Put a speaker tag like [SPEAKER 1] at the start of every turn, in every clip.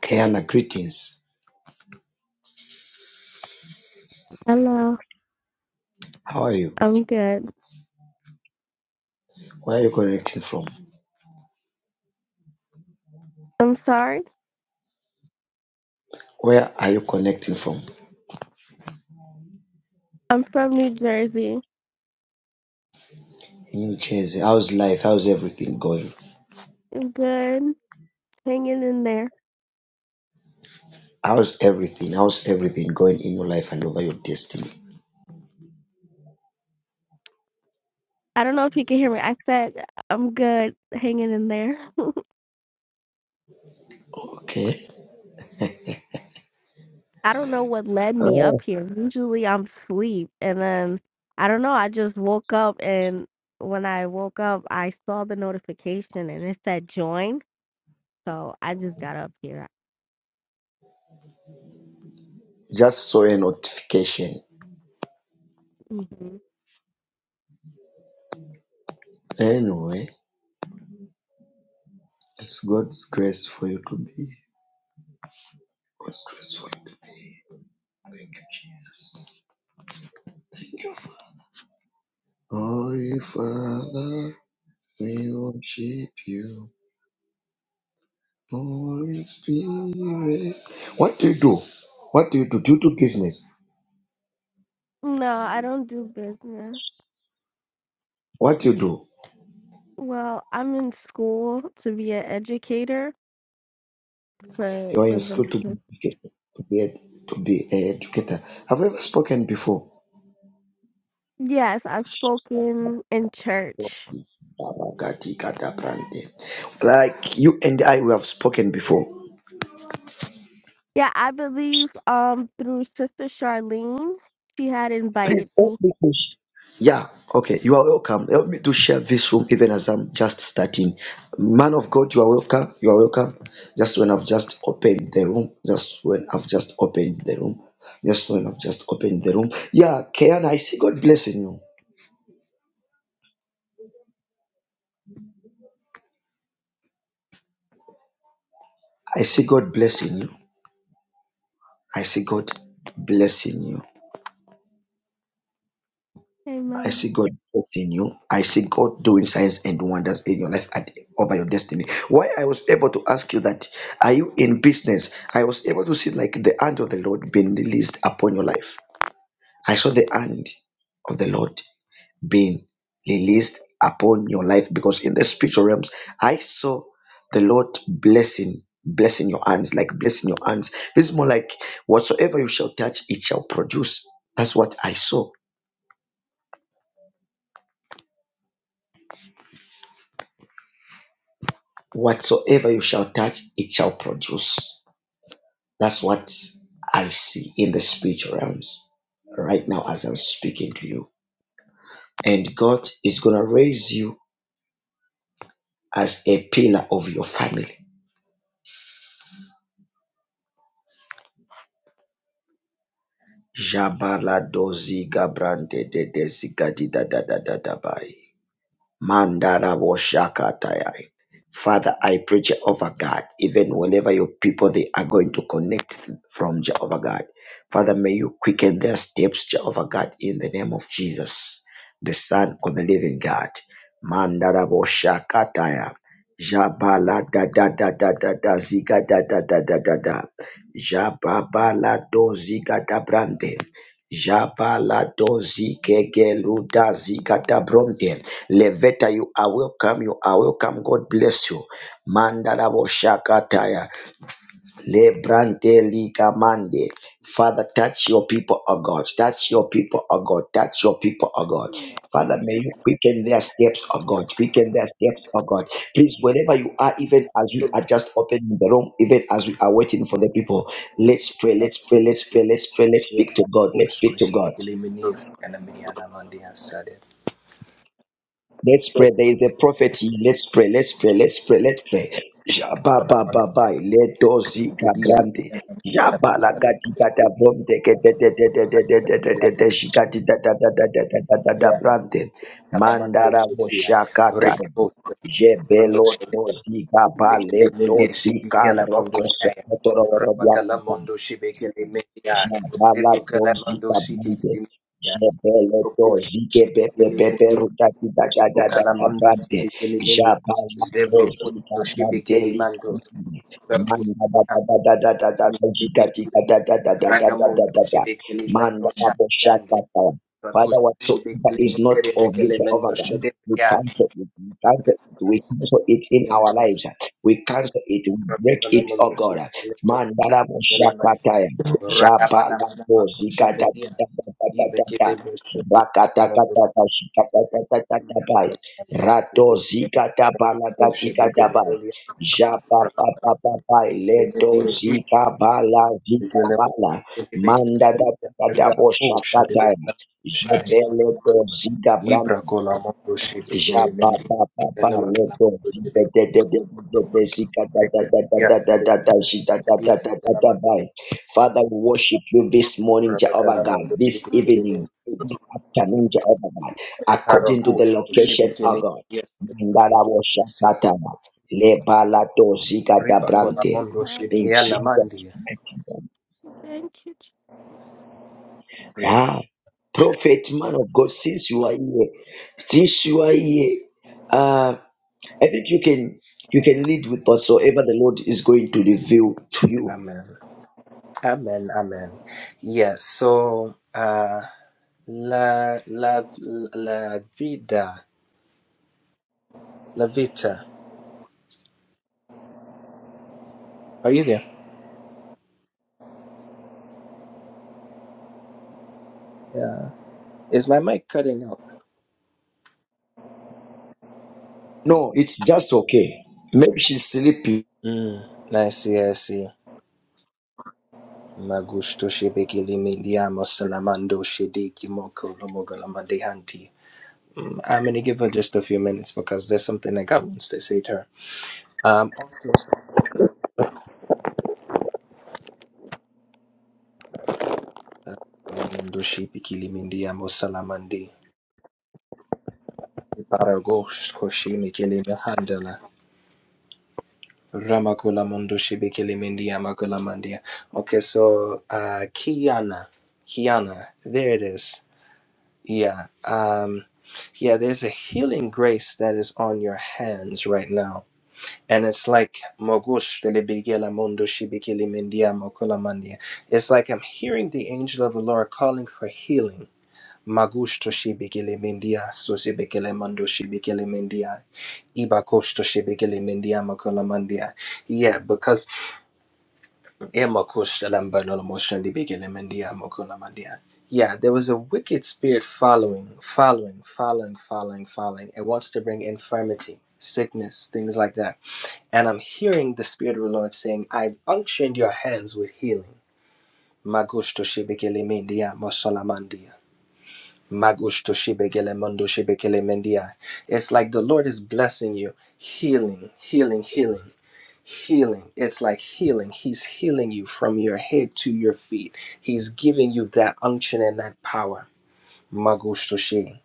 [SPEAKER 1] Kiana, greetings.
[SPEAKER 2] Hello,
[SPEAKER 1] How are you?
[SPEAKER 2] I'm good.
[SPEAKER 1] Where are you connecting from?
[SPEAKER 2] I'm sorry.
[SPEAKER 1] Where are you connecting from?
[SPEAKER 2] I'm from New Jersey.
[SPEAKER 1] In New Jersey. How's life? How's everything going?
[SPEAKER 2] I'm good. Hanging in there.
[SPEAKER 1] How's everything? How's everything going in your life and over your destiny?
[SPEAKER 2] I don't know if you can hear me. I said I'm good hanging in there.
[SPEAKER 1] Okay.
[SPEAKER 2] I don't know what led me up
[SPEAKER 1] Oh,
[SPEAKER 2] here. Usually I'm asleep and then I don't know, I just woke up and when I woke up I saw the notification and it said join. So I just got up here.
[SPEAKER 1] just saw a notification.
[SPEAKER 2] hmm
[SPEAKER 1] Anyway, it's God's grace for you to be. God's grace for you to be. Thank you, Jesus. Thank you, Father. Holy Father, we worship you. Holy Spirit. What do you do? What do you do? Do you do business?
[SPEAKER 2] No, I don't do business.
[SPEAKER 1] What do you do?
[SPEAKER 2] Well, I'm in school to be an educator for
[SPEAKER 1] You are in school
[SPEAKER 2] the
[SPEAKER 1] to be educated- to be ed- to be an educator. Have you ever spoken before?
[SPEAKER 2] Yes, I've spoken in church.
[SPEAKER 1] Abakati kata brande. Like you and I, we have spoken before.
[SPEAKER 2] Yeah, I believe um through Sister Charlene, she had
[SPEAKER 1] Please
[SPEAKER 2] invited
[SPEAKER 1] help
[SPEAKER 2] me.
[SPEAKER 1] me. be pushed. Yeah, okay. You are welcome. Help me to share this room even as I'm just starting. Man of God, you are welcome. You are welcome. Just when I've just opened the room. Just when I've just opened the room. Just when I've just opened the room. Yeah, Kayan, I see God blessing you. I see God blessing you. I see God blessing you. I
[SPEAKER 2] Amen.
[SPEAKER 1] see God blessing you. I see God doing signs and wonders in your life at, over your destiny. Why I was able to ask you that, are you in business? I was able to see like the hand of the Lord being released upon your life. I saw the hand of the Lord being released upon your life because in the spiritual realms, I saw the Lord blessing, blessing your hands, like blessing your hands. This is more like whatsoever you shall touch, it shall produce. That's what I saw Whatsoever you shall touch, it shall produce. That's what I see in the spiritual realms right now as I'm speaking to you. And God is going to raise you as a pillar of your family. Jabala dozi gabrande de desi gadi da da da da da bai. Mandara Boshakataya. Father, I pray, Jehovah God, even whenever your people they are going to connect from Jehovah God. Father, may you quicken their steps, Jehovah God, in the name of Jesus, the Son of the Living God. Mandara Boshakataya. Jabala da da da da da da ziga da da da da da da. Jababala do ziga da brande. Jabala Jabaladozi kegeluda zigadabronte. Leveta, you are welcome. You are welcome. God bless you. Mandarabo shakataya. Lebrante liga mande Father, touch your people, O God. Touch your people, O God. Touch your people, O God. Father, may you quicken their steps, O God. Quicken their steps, O God. Please, wherever you are, even as we are just opening the room, even as we are waiting for the people, let's pray, let's pray, let's pray, let's pray, let's speak to
[SPEAKER 3] Yes,
[SPEAKER 1] God.
[SPEAKER 3] oh,
[SPEAKER 1] Let's speak to
[SPEAKER 3] squishy,
[SPEAKER 1] God.
[SPEAKER 3] tickly, minias, and a miniana mandia said it.
[SPEAKER 1] Let's pray. There is a prophecy. Let's pray. Let's pray. Let's pray. Let's pray.
[SPEAKER 3] But
[SPEAKER 1] Jaba
[SPEAKER 3] I
[SPEAKER 1] ba
[SPEAKER 3] want
[SPEAKER 1] ba ba. Let those
[SPEAKER 3] to be a
[SPEAKER 1] gabrande.
[SPEAKER 3] bigger than the
[SPEAKER 1] Jaba la gati gata bomte ke de de de de de de de de de de shikati da da da da da da da da da
[SPEAKER 3] Catalan
[SPEAKER 1] brande.
[SPEAKER 3] Calamatu
[SPEAKER 1] Mandara
[SPEAKER 3] Sedia,
[SPEAKER 1] moshakata.
[SPEAKER 3] Rico,
[SPEAKER 1] Jebelo
[SPEAKER 3] Sedia,
[SPEAKER 1] dozi gaba le
[SPEAKER 3] Tickly, Mindy,
[SPEAKER 1] dozi
[SPEAKER 3] Sibicala Mondo
[SPEAKER 1] karoko
[SPEAKER 3] Shire,
[SPEAKER 1] sokotoro
[SPEAKER 3] Rapacala Mondo Shibicali Media,
[SPEAKER 1] Javala
[SPEAKER 3] Zebo
[SPEAKER 1] to
[SPEAKER 3] Calamando
[SPEAKER 1] zika
[SPEAKER 3] Sibicali
[SPEAKER 1] bande.
[SPEAKER 3] Media,
[SPEAKER 1] Jebele to
[SPEAKER 3] Proportion
[SPEAKER 1] zike pepe
[SPEAKER 3] Sibicali
[SPEAKER 1] pepe
[SPEAKER 3] Media,
[SPEAKER 1] ruta kita kada
[SPEAKER 3] Zebo
[SPEAKER 1] kada
[SPEAKER 3] Calamando
[SPEAKER 1] bande.
[SPEAKER 3] Sibicali Media,
[SPEAKER 1] Javala to
[SPEAKER 3] Zebro
[SPEAKER 1] zika bande
[SPEAKER 3] Shibicali
[SPEAKER 1] lika mande. Manda da da da da da da da da zika tika
[SPEAKER 3] Ragamundo
[SPEAKER 1] da da da da da da da da da.
[SPEAKER 3] Shebekele Mendo
[SPEAKER 1] Manda abo
[SPEAKER 3] Shayandi
[SPEAKER 1] shaka tawa.
[SPEAKER 3] Ratus
[SPEAKER 1] Father, whatsoever
[SPEAKER 3] Shebekele
[SPEAKER 1] is not
[SPEAKER 3] Mendere
[SPEAKER 1] of you,
[SPEAKER 3] Bekele Mendo
[SPEAKER 1] Jehovah God, we
[SPEAKER 3] Shebekiandi
[SPEAKER 1] cancel it, we cancel it, we cancel it in our lives. We cancel it, we break it, oh
[SPEAKER 3] Ragamundo
[SPEAKER 1] God.
[SPEAKER 3] Shebekele Mendo Shebekele Mendo
[SPEAKER 1] Mandala
[SPEAKER 3] Ragabala
[SPEAKER 1] Jabalambo
[SPEAKER 3] Manama
[SPEAKER 1] zikata
[SPEAKER 3] Koshambedia Ibekele
[SPEAKER 1] tata
[SPEAKER 3] Mendo Shebekele
[SPEAKER 1] rakata
[SPEAKER 3] Mendo
[SPEAKER 1] kata shikata kata kata bai
[SPEAKER 3] Shebekele Mendo
[SPEAKER 1] rato
[SPEAKER 3] Shebekele
[SPEAKER 1] zikata bala
[SPEAKER 3] Mendo
[SPEAKER 1] katika
[SPEAKER 3] Shebekele
[SPEAKER 1] dabai japa pa pa pa bai leto zika bala zika
[SPEAKER 3] Mendo
[SPEAKER 1] bala manda da da da da bo shakata jepele to zika Jabababa, lebo, zibe, de, de, de, de, de, de, zika, da, da, da, da, da, da, da, da, zika, da, da, da, da, da, bye. Father, we worship you this morning, Jehovah God, this evening, this afternoon, Jehovah God, according to the location of God. Mandala wo shakataba, lebala to zika da brante. In Jesus' mighty name.
[SPEAKER 2] Thank you, Jesus.
[SPEAKER 1] Ah, prophet, man of God, since you are here, since you are here, uh, I think you can you can lead with whatsoever the Lord is going to reveal to you.
[SPEAKER 3] Amen. Amen. Amen. Yeah. So, uh, la la la vida, la vita. Are you there? Yeah. Is my mic cutting out?
[SPEAKER 1] No, it's just okay. Maybe she's sleepy.
[SPEAKER 3] Mm. I see, I see. Magusto shebekili mindiamo salamando shediki moko lomogolamadehanti. Mm, I'm gonna give her just a few minutes because there's something that God wants to say to her. Um, also, uh, lamundo shebekili mindiamo salamandi. Paragosh koshi mikili mehandela. Ramakula mundo shebekili mindiamo kulamandia. Okay, so uh, Kiana, Kiana, there it is. Yeah. Um, yeah, there's a healing grace that is on your hands right now. And it's like Mogush delebigela mundo shibikili mindia mokula mandia. It's like I'm hearing the angel of the Lord calling for healing. Magush to shibikili mindia susibikili mundo shibikili mindia. Ibakosh to shibikili mindia mokula mandia. Yeah, because yeah, there was a wicked spirit following, following, following, following, following. It wants to bring infirmity, sickness, things like that. And I'm hearing the Spirit of the Lord saying, I've unctioned your hands with healing. Magusto shibekele mendia, mosolamandia. Magusto It's like the Lord is blessing you, healing, healing, healing healing. It's like healing. He's healing you from your head to your feet. He's giving you that unction and that power. Magustoshi.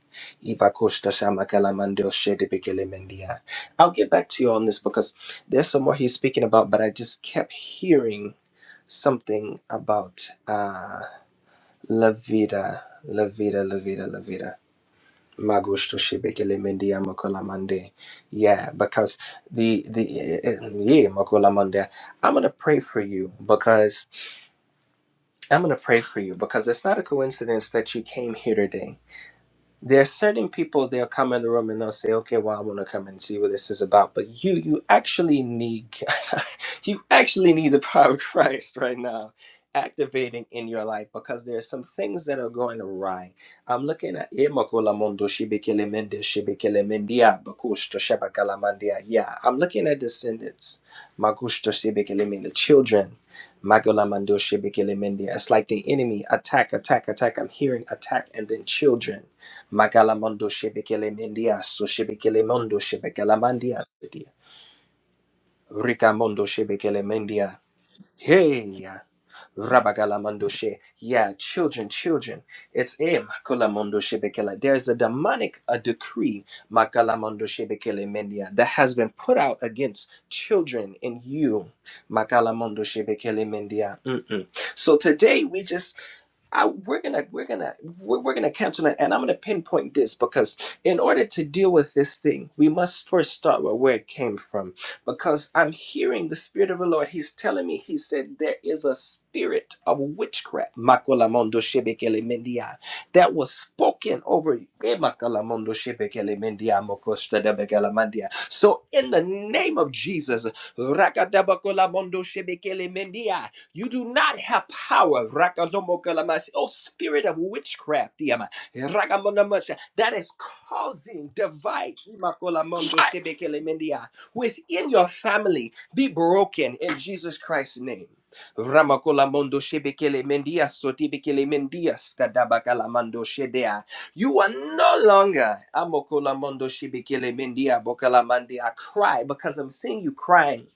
[SPEAKER 3] Ibakostashamakelamandoshedebekelemenia. I'll get back to you on this because there's some more he's speaking about, but I just kept hearing something about uh, La Vida, La Vida, La Vida, La Vida. Magusto shibekele mendi ya makola mande. Yeah, because the the eh, eh, yeah makola mande. I'm gonna pray for you because I'm gonna pray for you because it's not a coincidence that you came here today there are certain people they'll come in the room and they'll say okay well i want to come and see what this is about but you you actually need you actually need the power of christ right now activating in your life because there are some things that are going awry i'm looking at Emakola mondo shibikele mende shibikele mendia bakush to shebakala mandia. yeah i'm looking at descendants Makush to mende, children Magola mando shibikele mendia. it's like the enemy attack attack attack i'm hearing attack and then children Magalamondo Shebekele Mendia, so Shebekele Mondo Shebekala Mandia, sedia. Rika Mondo Shebekele mendia Hey, Rabagalamandoshe. Yeah, children, children. It's em Kolamondoshe Bekele. There is a demonic a decree, Makalamondoshe Bekele Mendia, that has been put out against children and you, Makalamondoshe Bekele Mendia. Mm-mm. So today we just I, we're gonna we're gonna we're, we're gonna cancel it and i'm gonna pinpoint this because in order to deal with this thing we must first start with where it came from because I'm hearing the Spirit of the Lord. He's telling me, He said, there is a spirit of witchcraft Makolamondo shebekele mendia, that was spoken over you. Eh, Makolamondo shebekele mendia, mokoshadabekele mandia. So, in the name of Jesus, Rakadabakolamondo shebekele mendia, you do not have power. Rakadomokalamasi. Oh, spirit of witchcraft, Diama. Rakamonamacha, that is causing divide. Imakolamondo shebekele mendia within your family be broken in Jesus Christ's name. Ramakola mondo shebekele mendia sotibekele mendia skadabakala mando shedea. You are no longer amokola mondo shebekele mendia bokala mandia. I cry because I'm seeing you crying.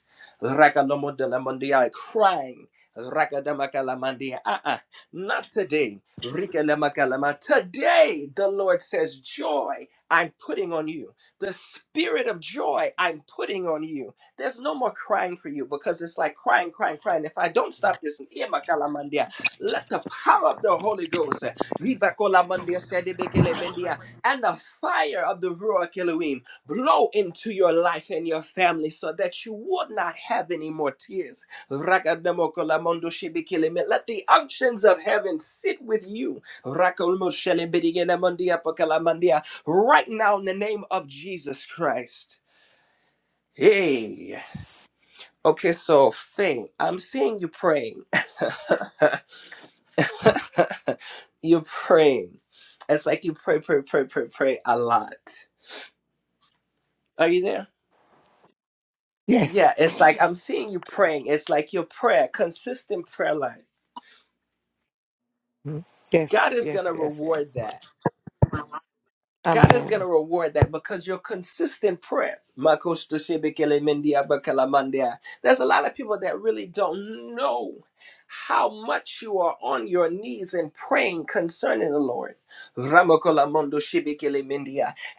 [SPEAKER 3] Rakalomo de la mondia crying. Rakadamakala mandia. Uh-uh. Not today. Rikalamakala ma- Today the Lord says, Joy I'm putting on you. The spirit of joy I'm putting on you. There's no more crying for you because it's like crying, crying, crying. If I don't stop this, eh, makalamandia, let the power of the Holy Ghost eh, libakolamandia, sedibekelemendia, and the fire of the Ruach Elohim blow into your life and your family so that you would not have any more tears. Rakadamokolamondoshibikeleme. Let the unctions of heaven sit with you. Rakolmoshelebidigelamondiapokalamandia right now in the name of Jesus Christ. Hey. Okay, so Faye, I'm seeing you praying. you're praying. It's like you pray, pray, pray, pray, pray a lot. Are you there? Yeah,
[SPEAKER 4] Yes.
[SPEAKER 3] it's like I'm seeing you praying. It's like your prayer, consistent prayer life.
[SPEAKER 4] Mhm.
[SPEAKER 3] God
[SPEAKER 4] Yes,
[SPEAKER 3] is gonna
[SPEAKER 4] yes, yes,
[SPEAKER 3] reward
[SPEAKER 4] yes.
[SPEAKER 3] that. God is going to
[SPEAKER 4] Amen.
[SPEAKER 3] reward that because your consistent prayer. There's a lot of people that really don't know how much you are on your knees and praying concerning the Lord.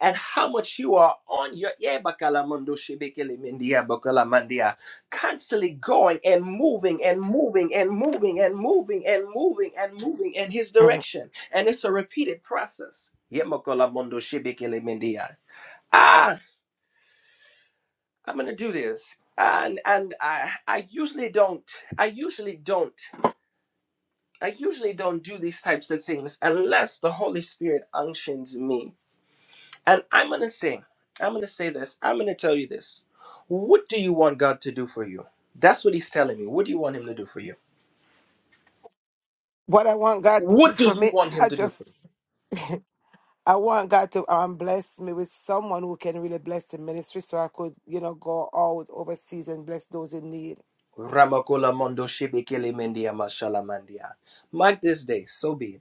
[SPEAKER 3] And how much you are on your. Yeah, constantly going and moving and moving and moving and moving and moving and moving in his
[SPEAKER 4] Amen.
[SPEAKER 3] direction. And it's a repeated process. Yemokolamondo shebekele mendia. Ah, I'm gonna do this. And and I I usually don't I usually don't I usually don't do these types of things unless the Holy Spirit unctions me. And I'm gonna say, I'm gonna say this, I'm gonna tell you this. What do you want God to do for you? That's what he's telling me. What do you want him to do for you?
[SPEAKER 4] What I want God to- do
[SPEAKER 3] What do
[SPEAKER 4] for
[SPEAKER 3] you
[SPEAKER 4] me,
[SPEAKER 3] want him
[SPEAKER 4] I
[SPEAKER 3] to do for
[SPEAKER 4] just
[SPEAKER 3] you?
[SPEAKER 4] I want God to um bless me with someone who can really bless the ministry so I could, you know, go out overseas and bless those in need.
[SPEAKER 3] Ramakola Mondo Shibikili Mendia Mashala Mandia. Mark this day, so be it.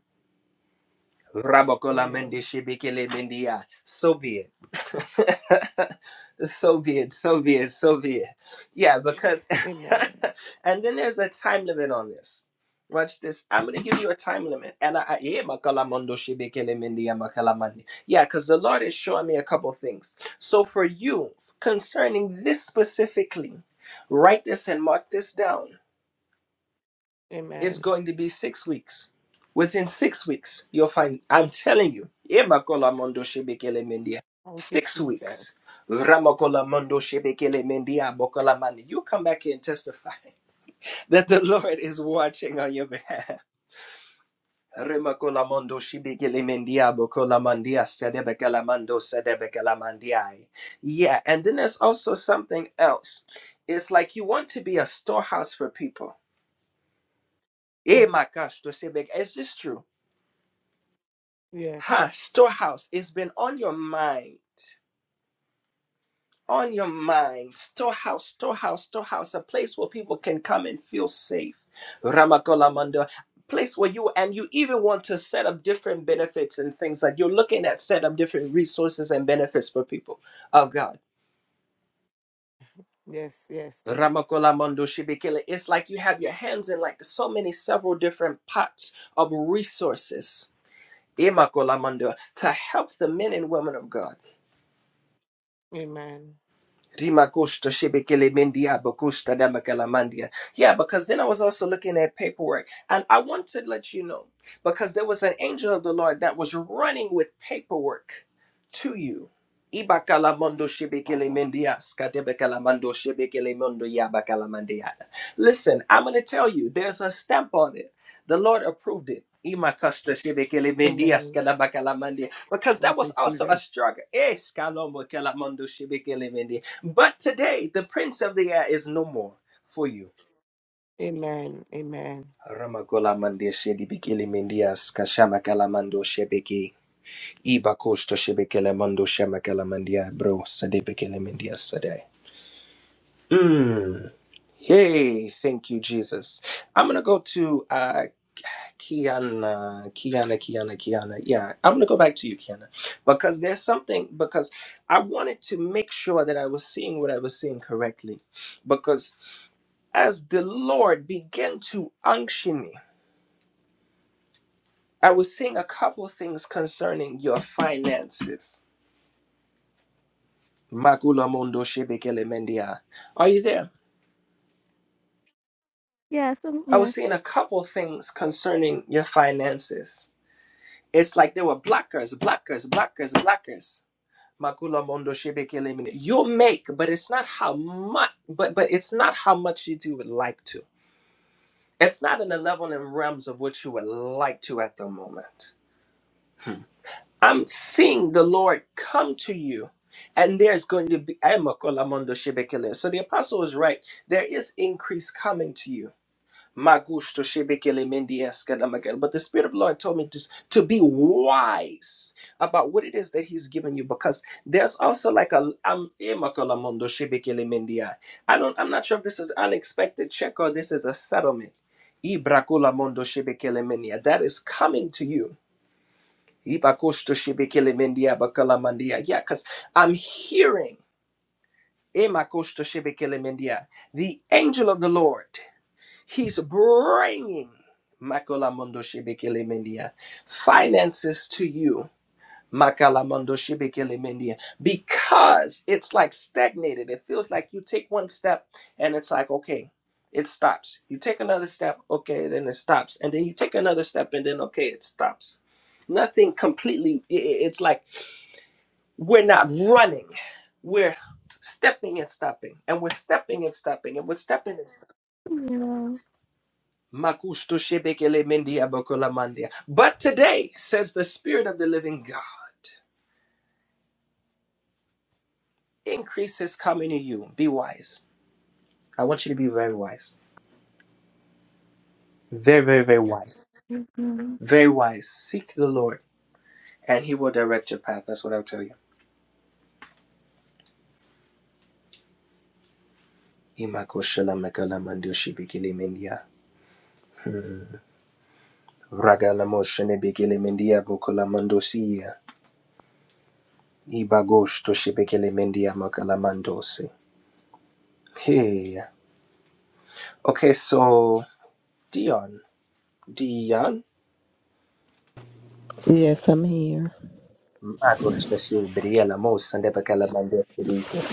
[SPEAKER 3] Rabakola mende
[SPEAKER 4] Amen.
[SPEAKER 3] shibikele mendia. So be it. so be it. So be it. So be it. Yeah, because
[SPEAKER 4] Amen.
[SPEAKER 3] and then there's a time limit on this. Watch this. I'm gonna give you a time limit. And I, I yeah, makala mondo shibikele mendia makala mandi. Yeah, because the Lord is showing me a couple things. So for you, concerning this specifically, write this and mark this down it's
[SPEAKER 4] Amen.
[SPEAKER 3] going to be six weeks. Within six weeks, you'll find. I'm telling you. Emakola mondo shebekele mendia.
[SPEAKER 4] Thank you,
[SPEAKER 3] Six weeks.
[SPEAKER 4] Jesus.
[SPEAKER 3] Ramakola mondo shebekele mendia bokola mani. You come back here and testify that the Lord is watching on your behalf. Remakola mondo shebekele mendia bokola mandia sedebekele mando sedebekele mandiai. Yeah, and then there's also something else. It's like you want to be a storehouse for people. Eh,
[SPEAKER 4] Mhm.
[SPEAKER 3] my gosh, to say back, is this true?
[SPEAKER 4] Yes.
[SPEAKER 3] Ha, storehouse, it's been on your mind. On your mind. Storehouse, storehouse, storehouse, a place where people can come and feel safe. Ramakolamando. Place where you and you even want to set up different benefits and things like you're looking at set up different resources and benefits for people of God.
[SPEAKER 4] Yes. Yes. Yes.
[SPEAKER 3] Ramakolamando Shibikele. It's like you have your hands in like so many several different pots of resources. Imakolamando to help the men and women of God.
[SPEAKER 4] Amen.
[SPEAKER 3] Rima Shebekele Mendia Bakusta Damakala Mandia. Yeah, because then I was also looking at paperwork. And I want to let you know, because there was an angel of the Lord that was running with paperwork to you. Ibakala Mondo Shebekele
[SPEAKER 4] Wow.
[SPEAKER 3] Mendia Skadebekala Mando Shebekele Mondo Yabakala Mandia. Listen, I'm gonna tell you, there's a stamp on it. The Lord approved it. Ima Shebekele Mendia
[SPEAKER 4] Amen.
[SPEAKER 3] Skadabakala Mandia. Because that
[SPEAKER 4] Thank
[SPEAKER 3] was
[SPEAKER 4] you,
[SPEAKER 3] also a
[SPEAKER 4] Jesus.
[SPEAKER 3] struggle. Eh, Skalombo Kala Mondo Shebekele Mendia. But today, the prince of the air is no more for you.
[SPEAKER 4] Amen. Amen.
[SPEAKER 3] Ramagola mande shedi bikili mindias kashama kalamando shebeki iba kosto shebekele mando shama kalamandia bro sade bikili mindias sade. Mm. Hey, thank you, Jesus. I'm gonna go to uh, Kiana, Kiana, Kiana, Kiana. Yeah, I'm gonna go back to you, Kiana, because there's something because I wanted to make sure that I was seeing what I was seeing correctly, because as the Lord began to unction me, I was seeing a couple of things concerning your finances. Makula Mondo Shebekele Mendia. Are you there?
[SPEAKER 2] Yes, I'm
[SPEAKER 3] I was
[SPEAKER 2] here.
[SPEAKER 3] seeing a couple of things concerning your finances. It's like they were blockers, blockers, blockers, blockers. Makula Mondo Shebekele Mendia. You make, but it's not how much but but it's not how much you do would like to. It's not in the level and realms of what you would like to at the moment. Hmm. I'm seeing the Lord come to you. And there's going to be i Shebekele. So the apostle is right. There is increase coming to you. Magusto Shebekele Mendi Eskadamakel. But the Spirit of the Lord told me to, to be wise about what it is that He's given you because there's also like a I'm Ema Shebekele Mendi I. don't I'm not sure if this is unexpected check or this is a settlement. Ibrakula Shebekele Mendi That is coming to you Ibakosto shebekele mendia bakala mandia. Yeah, because I'm hearing Emakosto shebekele mendia, the angel of the Lord. He's bringing Makola mondo shebekele mendia, finances to you. Makala mondo shebekele mendia, Because it's like stagnated. It feels like you take one step and it's like, okay, it stops. You take another step, okay, then it stops. And then you take another step and then, okay, it stops. Nothing completely, i- i- it's like, we're not running. We're stepping and stopping. And we're stepping and stopping. And we're stepping and stopping.
[SPEAKER 2] Yeah.
[SPEAKER 3] Makusto shebekele mendia bokola mandia. But today, says the Spirit of the living God, increase is coming to you. Be wise. I want you to be very wise. Very, very, very wise. Very wise. Seek the Lord, and He will direct your path. That's what I'll tell you. Imakoshala makala mandio shebekele mendia. Ragala moshene bekele mendia bokola mandosia. Ibagosh toshibekele mendia makalamandose. Hey. Okay, so Dion. Dion?
[SPEAKER 5] Yes, I'm here.
[SPEAKER 3] Magosh toshibriya lamos and bakalamandose.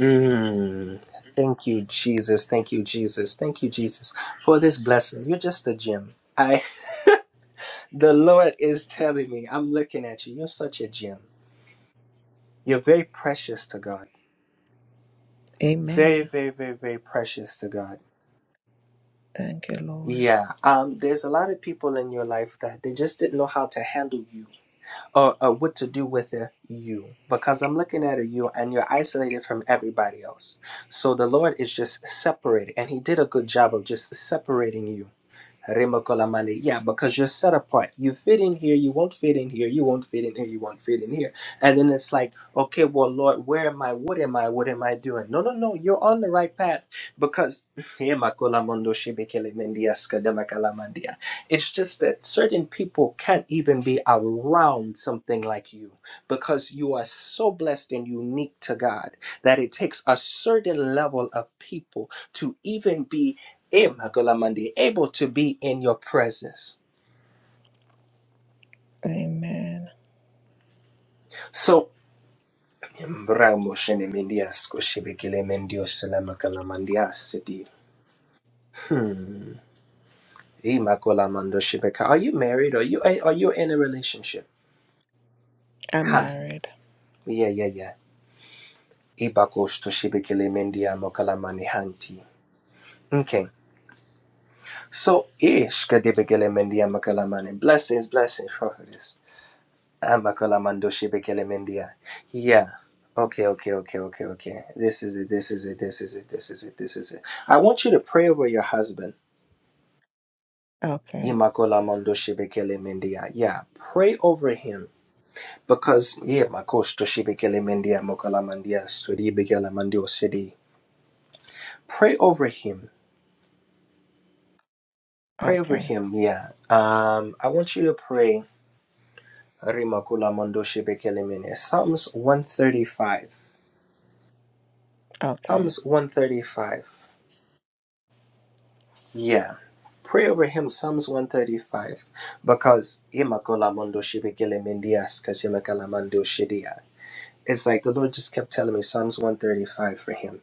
[SPEAKER 3] Mm. Thank you, Jesus. Thank you, Jesus. Thank you, Jesus, for this blessing. You're just a gem. I the Lord is telling me, I'm looking at you. You're such a gem. You're very precious to God. Very,
[SPEAKER 5] Amen.
[SPEAKER 3] very, very, very precious to God.
[SPEAKER 5] Thank you, Lord.
[SPEAKER 3] Yeah, um, there's a lot of people in your life that they just didn't know how to handle you or, or what to do with a you because I'm looking at a you and you're isolated from everybody else. So the Lord is just separated, and He did a good job of just separating you. Remokolamale. Yeah, because you're set apart. You fit in here, you won't fit in here, you won't fit in here, you won't fit in here. And then it's like, okay, well, Lord, where am I? What am I? What am I doing? No, no, no, you're on the right path because Remakolamondo shebekelemende askademakalamande. It's just that certain people can't even be around something like you because you are so blessed and unique to God that it takes a certain level of people to even be eh, Magolamandi, able to be in your presence.
[SPEAKER 5] Amen.
[SPEAKER 3] So, Mbra moshene mendias koshibekele mendio selama kalamandias sedi. hmm. Eh, Magolamando Shibeka. Are you married? Are you eh, are you in a relationship?
[SPEAKER 5] I'm
[SPEAKER 3] Huh.
[SPEAKER 5] married.
[SPEAKER 3] Yeah, yeah, yeah. Iba koshtoshibekele mendia mokalamani hanti. Okay. So ish kadebekele mendia makalamani. Blessings, blessings, prophetess. Amakalamando shibekele mendia. Yeah. Okay, okay, okay, okay, okay. This is it, this is it, this is it, this is it, this is it. I want you to pray over your husband.
[SPEAKER 5] Okay.
[SPEAKER 3] Imakolamando shibekele mendia. Yeah. Pray over him. Because yeah, makoshtoshibekele mendia mokalamandia studi begele mandio city. Pray over him Pray over
[SPEAKER 5] Okay.
[SPEAKER 3] him, yeah. Um, I want you to pray Rimakula Mondoshe Bekelemene. Psalms 135.
[SPEAKER 5] Okay.
[SPEAKER 3] Psalms 135. Yeah. Pray over him, Psalms 135. Because Imakola Mondoshe Bekelemendias Kajimakala Mandoshidia. It's like the Lord just kept telling me Psalms 135 for him.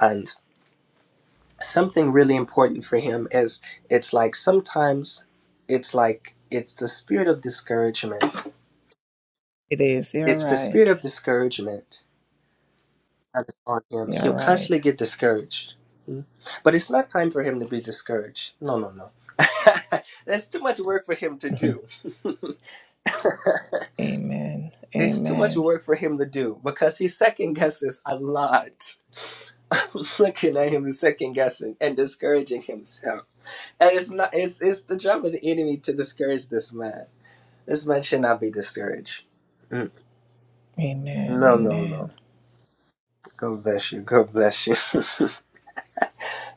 [SPEAKER 3] And something really important for him is it's like sometimes it's like it's the spirit of discouragement
[SPEAKER 5] It is. You're
[SPEAKER 3] It's the spirit
[SPEAKER 5] right.
[SPEAKER 3] of discouragement that is on him. He'll
[SPEAKER 5] You're right.
[SPEAKER 3] constantly get discouraged. Mm. But it's not time for him to be discouraged. No, no, no. There's too much work for him to
[SPEAKER 5] Mhm.
[SPEAKER 3] do.
[SPEAKER 5] Amen.
[SPEAKER 3] it's too much
[SPEAKER 5] Amen.
[SPEAKER 3] work for him to do because he second guesses a lot. I'm looking at him and second guessing and discouraging himself. And it's not it's it's the job of the enemy to discourage this man. This man should not be discouraged. Mm.
[SPEAKER 5] Amen.
[SPEAKER 3] No, no, no.
[SPEAKER 5] Amen.
[SPEAKER 3] God bless you. God bless you.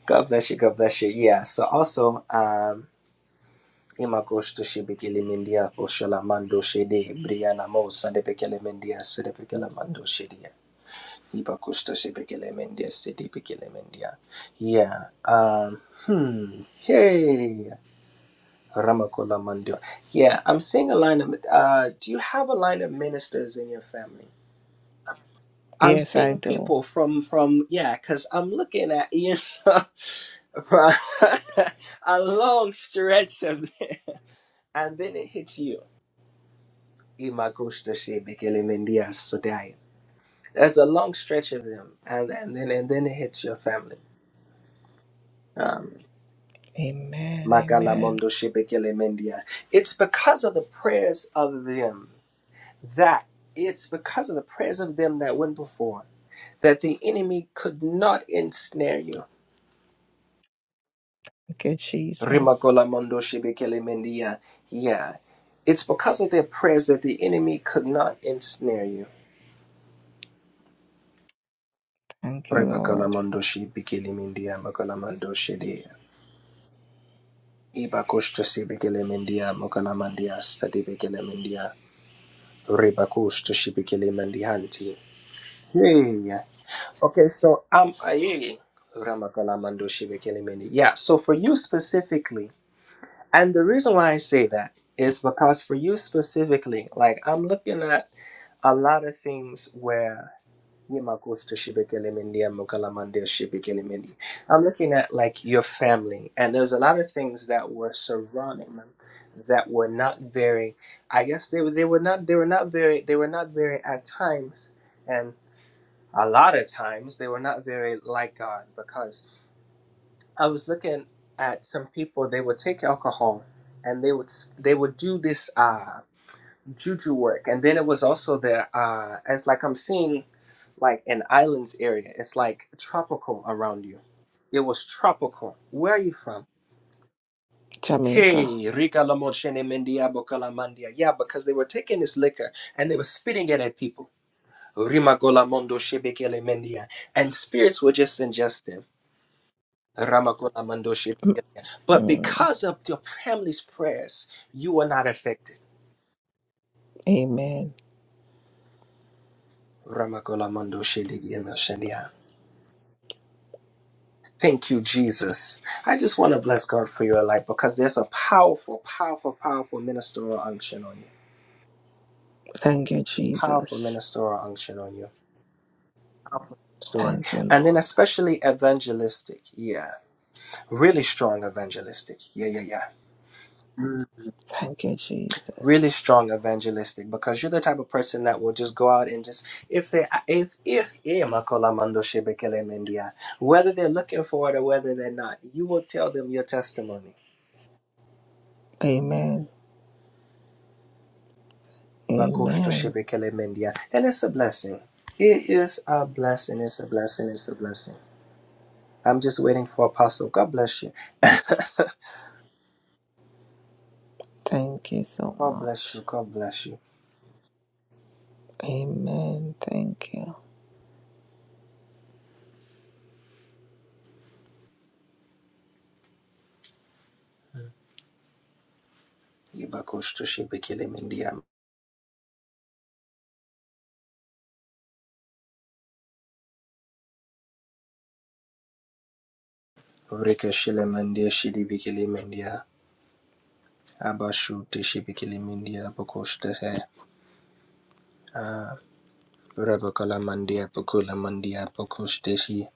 [SPEAKER 3] God bless you. God bless you. Yeah. So also, um, imakoshto shibekele mendia oshala mando shede briana mo sande bekele mendia sede bekele mando shedia. Ibakoshto shibekele mendia sede bekele mendia. Yeah. Um. Hmm. Hey. Ramakola mando. Yeah. I'm seeing a line of. Uh. Do you have a line of ministers in your family? I'm
[SPEAKER 5] Yes, I
[SPEAKER 3] seeing
[SPEAKER 5] do.
[SPEAKER 3] people from from yeah, because I'm looking at you know from a long stretch of there, and then it hits you. Imagoshta shebekele mendia sodai. There's a long stretch of them, and and then and then it hits your family. Um,
[SPEAKER 5] Amen.
[SPEAKER 3] Magala
[SPEAKER 5] Amen.
[SPEAKER 3] mondo shebekele mendia. It's because of the prayers of them that it's because of the prayers of them that went before that the enemy could not ensnare you
[SPEAKER 5] Thank you, Jesus.
[SPEAKER 3] Rimakola Mondo Shibikele Mendia. Yeah. It's because of their prayers that the enemy could not ensnare you.
[SPEAKER 5] Thank you,
[SPEAKER 3] Ribakola
[SPEAKER 5] Lord.
[SPEAKER 3] Mondo Shibikele Mendia Makola Mondo Shidia. Ibakushta Shibikele Mendia Makola Mandia Stadibikele Mendia. Ribakushta Shibikele Mendianti. Hey. Okay, so I'm Aye. Ramakola mando Shibikele Mendia. Yeah, so for you specifically, and the reason why I say that is because for you specifically, like I'm looking at a lot of things where Yemakosta Shibikelimindi and Mukalamande Shibikelimindi. I'm looking at like your family, and there's a lot of things that were surrounding them that were not very. I guess they were they were not they were not very they were not very at times, and a lot of times they were not very like God because I was looking at some people. They would take alcohol, and they would s- they would do this. uh, juju work and then it was also the uh it's like i'm seeing like an islands area it's like tropical around you it was tropical where are you from
[SPEAKER 5] Jamaica.
[SPEAKER 3] hey rika lamochene mendia bokalamandia yeah because they were taking this liquor and they were spitting it at people rimakola mondo shebekele mendia and spirits were just ingested ramakola mondo shebekele but
[SPEAKER 5] Mm.
[SPEAKER 3] because of your family's prayers you were not affected
[SPEAKER 5] Amen.
[SPEAKER 3] ramakola mondo shebekele mendia Thank you, Jesus. I just want to bless God for your life because there's a powerful, powerful, powerful ministerial unction on you.
[SPEAKER 5] Thank you,
[SPEAKER 3] Powerful
[SPEAKER 5] Jesus.
[SPEAKER 3] ministerial unction on you. Powerful story.
[SPEAKER 5] Thank you,
[SPEAKER 3] And then
[SPEAKER 5] Lord.
[SPEAKER 3] especially evangelistic. Yeah. Really strong evangelistic. Yeah, yeah, yeah. Mm.
[SPEAKER 5] Thank you,
[SPEAKER 3] Really
[SPEAKER 5] Jesus.
[SPEAKER 3] strong evangelistic because you're the type of person that will just go out and just if they if if eh, Makola Mando Shebekele Mendia, whether they're looking for it or whether they're not, you will tell them your testimony
[SPEAKER 5] Amen. Amen.
[SPEAKER 3] And it's a blessing. It is a blessing. It's a blessing. It's a blessing. I'm just waiting for Apostle. God bless you.
[SPEAKER 5] Thank you so
[SPEAKER 3] God bless
[SPEAKER 5] much.
[SPEAKER 3] you. God bless you.
[SPEAKER 5] Amen. Thank you.
[SPEAKER 3] Ibakoshtoshebekelemendia. Rekeshelemendia shidibikelemendia. Abashuteshebekelemendia bakoshtehe. Ah, Rebekalamandia bakulamandia bakoshtehi.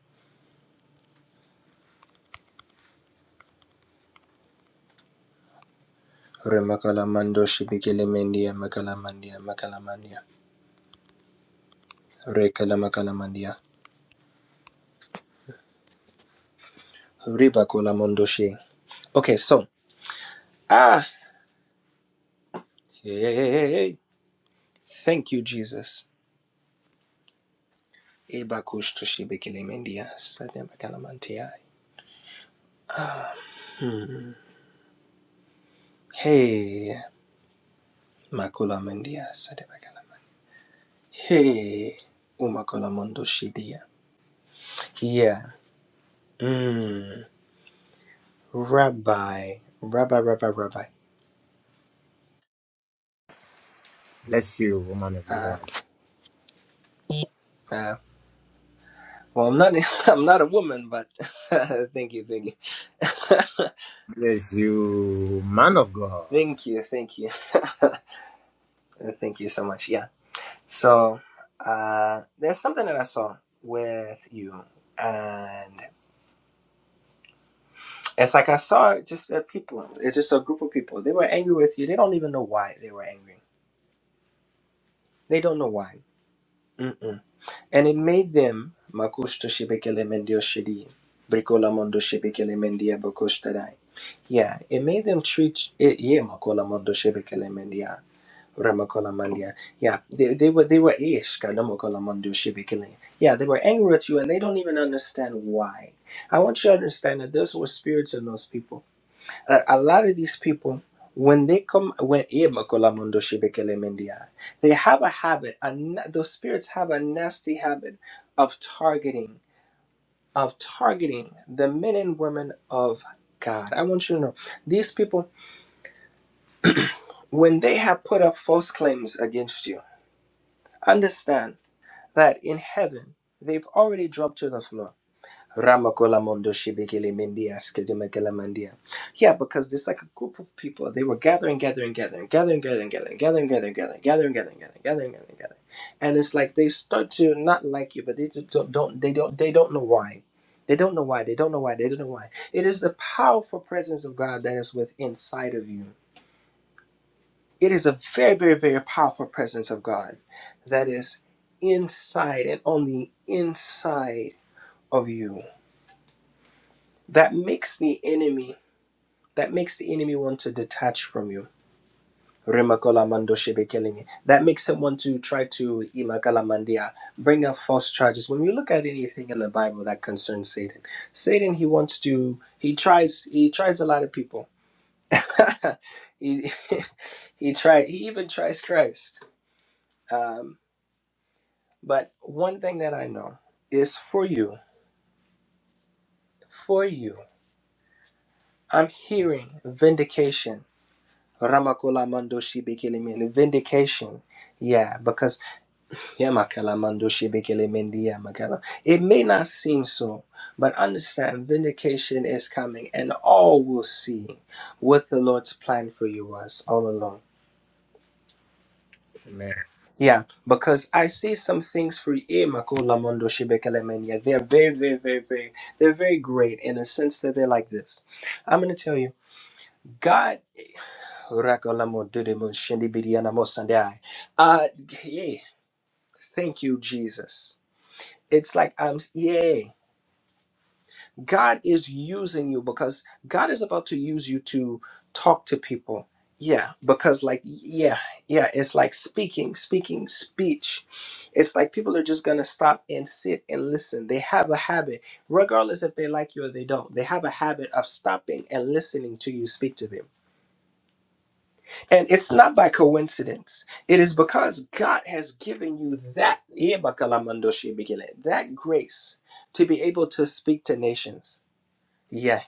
[SPEAKER 3] Remakalamando shibikelemendia makalamandia makalamandia. Rekalamakalamendia. Ribakola Mondoshe. Okay, so ah hey, hey, hey, hey, hey. thank you, Jesus. Ebakush toshibekele mendia sadebakala mantia. Hmm. Hey Makula Mendia Sadebakala. Hey Umakola Mondoshidia. Yeah. Mm. Rabbi. Rabbi, Rabbi, Rabbi.
[SPEAKER 6] Bless you, woman of
[SPEAKER 3] Uh
[SPEAKER 6] God.
[SPEAKER 3] uh, well, I'm not I'm not a woman, but thank you, thank you,
[SPEAKER 6] Bless you, man of God.
[SPEAKER 3] thank you, thank you, thank you so much. Yeah. So uh, there's something that I saw with you, and it's like I saw just uh, people. It's just a group of people. They were angry with you. They don't even know why they were angry. They don't know why. Mm-mm. And it made them. "Makushto shibekele mendio shidi, brikola mondo shibekele mendia bokushtadai." Yeah, it made them treat it. Yeah, makola mondo shibekele mendia. Ramacolamandia. Yeah, they, they were they wwere ish Kalamokalamando Shibikili. Yeah, they were angry at you and they don't even understand why. I want you to understand that those were spirits in those people. A, a lot of these people when they come when eh, Makolamondo Shibikili Mendia, they have a habit a, na- those spirits have a nasty habit of targeting of targeting the men and women of God. I want you to know these people when they have put up false claims against you understand that in heaven they've already dropped to the floor. Ramakola Mondo Shibikili Mindia Skidimekele Mandia. Yeah, because there's like a group of people. They were gathering, gathering, gathering, gathering, gathering, gathering, gathering, gathering, gathering, gathering, gathering, gathering, gathering, gathering, gathering. And it's like they start to not like you, but they just don't, don't they don't they don't know why. They don't know why. They don't know why. They don't know why. It is the powerful presence of God that is within inside of you it is a very, very, very powerful presence of God that is inside and on the inside of you. That makes the enemy, that makes the enemy want to detach from you. Remakola mando shebekelemi. That makes him want to try to imakala mandia, bring up false charges. When we look at anything in the Bible that concerns Satan, Satan he wants to he tries he tries a lot of people. he he tried he even tries Christ. Um, But one thing that I know is for you, for you, I'm hearing vindication. Ramakula mandoshi shibikili vindication. Yeah, because yeah, makala mando shibikili min dia makala. It may not seem so, but understand vindication is coming, and all will see what the Lord's plan for you was all along.
[SPEAKER 6] Amen.
[SPEAKER 3] Yeah, because I see some things for E. Makola Mondo Shibekelemenia. They're very, very, very, very, they're very great in a sense that they're like this. I'm going to tell you, God, Rakolamo Dudemo Shendibidiana Mosandai. Uh, yeah, thank you, Jesus. It's like I'm, yeah. God is using you because God is about to use you to talk to people. Yeah, because like yeah, yeah, it's like speaking, speaking, speech. It's like people are just gonna stop and sit and listen. They have a habit, regardless if they like you or they don't. They have a habit of stopping and listening to you speak to them, and it's not by coincidence. It is because God has given you that yeah, that grace to be able to speak to nations. Yeah.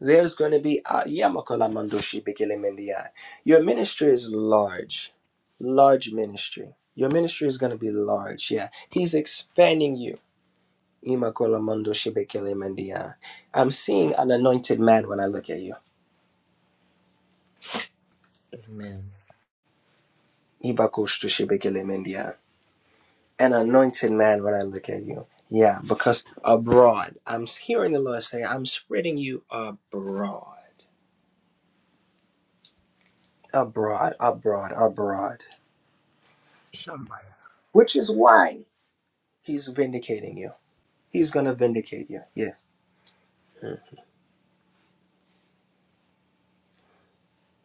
[SPEAKER 3] There's going to be uh, Yamakola Mandoshi Bekelemendiai. your ministry is large, large ministry. Your ministry is going to be large. Yeah, He's expanding you. Imakola Mandoshi Bekelemendiai. I'm seeing an anointed man when I look at you.
[SPEAKER 6] Amen.
[SPEAKER 3] Ibakoshtoshi Bekelemendiai. An anointed man when I look at you. Yeah, because abroad, I'm hearing the Lord say, I'm spreading you abroad, abroad, abroad, abroad.
[SPEAKER 6] Shamba.
[SPEAKER 3] Which is why He's vindicating you. He's gonna vindicate you. Yes. Mm.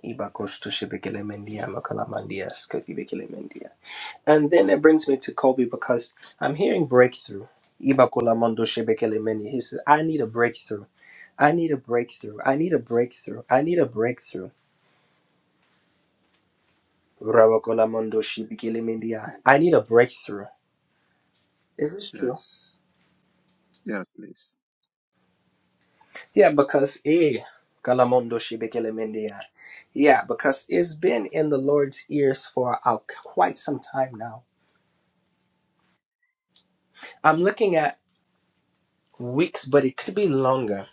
[SPEAKER 3] Ibakoshtushibikelemendia, makalamandia, skotibikelemendia. And then it brings me to Kobe because I'm hearing breakthrough. Ibakulamondoshibikelemeni. He says, I need a breakthrough. I need a breakthrough. I need a breakthrough. I need a breakthrough. Rabakulamondoshibikelemendia. I need a
[SPEAKER 7] Yes.
[SPEAKER 3] breakthrough. Is this true?
[SPEAKER 7] Yes. Yes, please.
[SPEAKER 3] Yeah, because eh, Kalamondoshibikilemendia. yeah, because it's been in the Lord's ears for uh, quite some time now I'm looking at weeks, but it could be longer.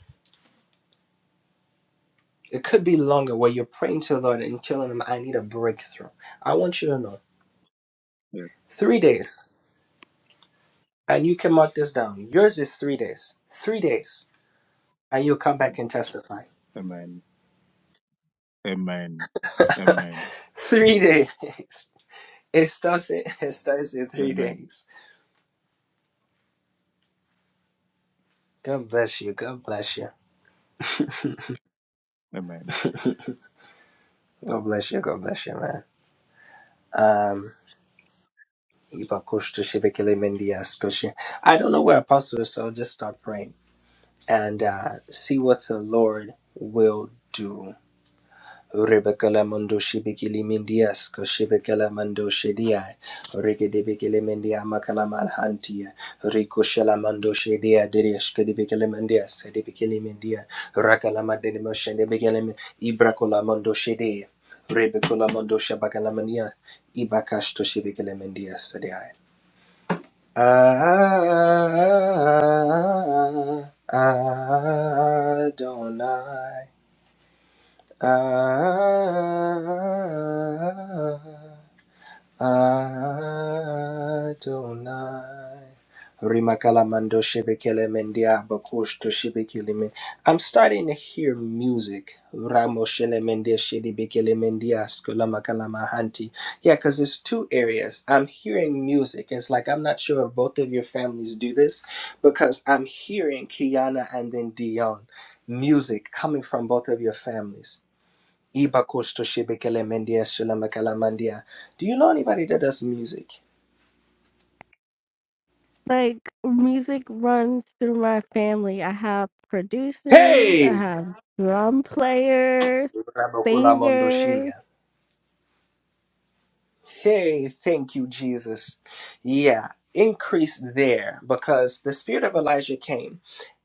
[SPEAKER 3] It could be longer where you're praying to the Lord and telling Him, I need a breakthrough. I want you to know
[SPEAKER 7] Yes.
[SPEAKER 3] three days, and you can mark this down. Yours is three days. Three days, and you'll come
[SPEAKER 7] yes.
[SPEAKER 3] back and testify.
[SPEAKER 7] Amen. Amen. Amen.
[SPEAKER 3] three days. It starts, in, it starts in three
[SPEAKER 7] Amen.
[SPEAKER 3] days. God bless you. God bless you.
[SPEAKER 7] Amen.
[SPEAKER 3] God bless you. God bless you, man. Um, Ibakush to Shibekele Mendia Scotia. I don't know where Apostle is, so I'll just start praying. and uh, see what the Lord will do. Rebekele mando shibikili mindias ko shibikele mando shidia rigidibikili mindia makala manhantia riko shela mando shidia dirish kidibikili mindia sedibikili mindia rakala madini moshende bikili min ibrakola mando shidia rebekula mando shabakala mania ibakash to shibikili mindia I Adonai. I. Adonai. Rimakalamando shebekele mendia bakush to shebekele men. I'm starting to hear music. Ramo shele mendia shebekele mendia skula makalamahanti. Yeah, because it's two areas. I'm hearing music. It's like I'm not sure if both of your families do this because I'm hearing Kiana and then Dion music coming from both of your families. Ibakosto shebekele mendia shulamekala mandia. Do you know anybody that does music?
[SPEAKER 2] Like music runs through my family. I have producers, I
[SPEAKER 3] Hey!
[SPEAKER 2] have drum players,
[SPEAKER 3] Rabakula mondoshia.
[SPEAKER 2] singers.
[SPEAKER 3] Hey, thank you, Jesus. Yeah, increase there because the spirit of Elijah came.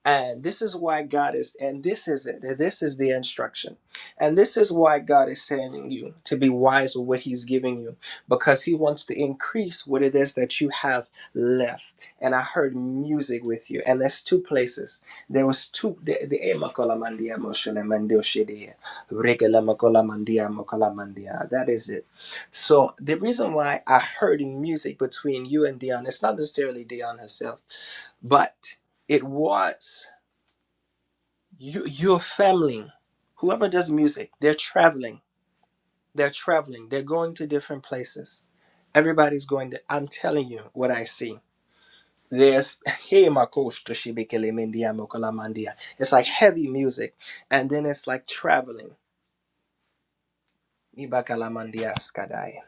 [SPEAKER 3] And this is why God is, and this is it. and This is the instruction. And this is why God is sending you to be wise with what He's giving you because He wants to increase what it is that you have left. And I heard music with you. And there's two places. There was two. The, the, eh, makola mandia, moshele mandio shede, rekele makola mandia, makola mandia. that is it so the reason why I heard music between you and Dion, it's not necessarily Dion herself, but it was you, your family, whoever does music, they're traveling, they're traveling, they're going to different places. Everybody's going to, I'm telling you what I see. There's hey Makos to Shibikele Mendia Mokola Mandia. It's like heavy music. And then it's like traveling. Ibakala Mandia Skadai.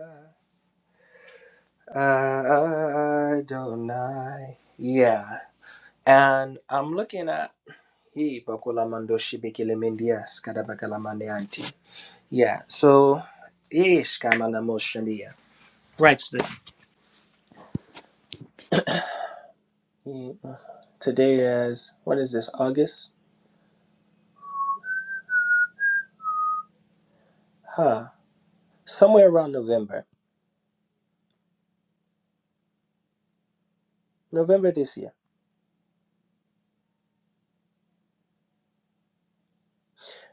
[SPEAKER 3] Ah, Adonai. Yeah. And I'm looking at he bakula mando shibikile mindias kadabakala mande anti. Yeah. So ish kamana moshamia. Writes this. He- Today is what is this? August? Huh. Somewhere around November. November this year.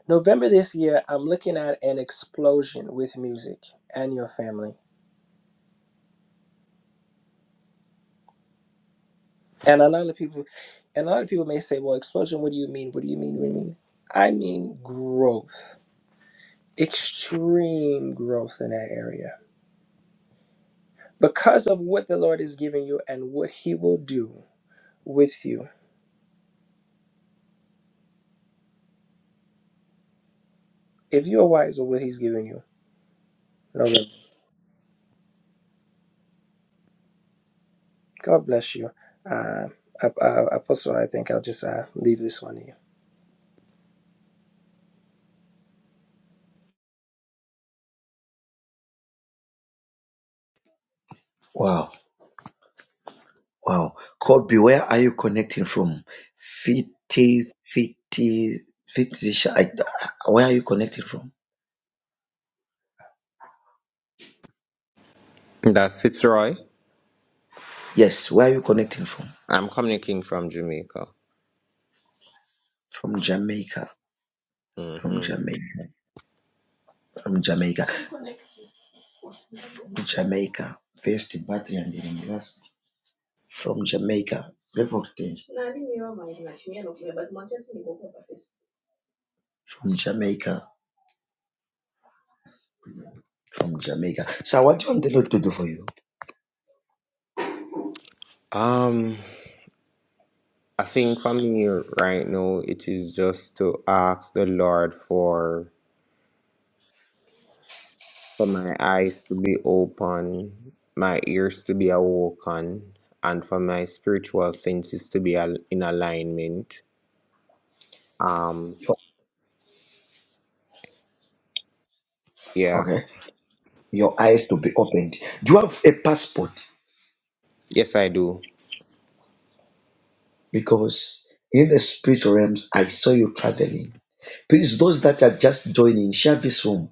[SPEAKER 3] November this year, I'm looking at an explosion with music and your family. And a lot of people, and a lot of people may say, "Well, explosion. What do you mean? What do you mean? What do you mean?" I mean growth, extreme growth in that area, because of what the Lord is giving you and what He will do with you. If you are wise of what He's giving you, no limit. God bless you. Uh, Apostle, I I post one. I think I'll just uh, leave this one to
[SPEAKER 1] Wow, wow. Kobe, where are you connecting from? Fifty, fifty, fifty. I- Where are you connecting from?
[SPEAKER 8] That's Fitzroy.
[SPEAKER 1] Yes, where are you connecting from?
[SPEAKER 8] I'm communicating from Jamaica.
[SPEAKER 1] From Jamaica, from
[SPEAKER 8] hmm
[SPEAKER 1] Jamaica, from Jamaica, Jamaica. First battery and then last. From Jamaica, Reverend from Jamaica. from Jamaica. So, what do you want the Lord to do for you?
[SPEAKER 8] Um, I think for me right now, it is just to ask the Lord for for my eyes to be open, my ears to be awoken, and for my spiritual senses to be al- in alignment. Um,
[SPEAKER 1] Your-
[SPEAKER 8] yeah,
[SPEAKER 1] Okay, your eyes to be opened. Do you have a passport?
[SPEAKER 8] yes, I do.
[SPEAKER 1] Because in the spiritual realms, I saw you traveling. Please, those that are just joining, share this room.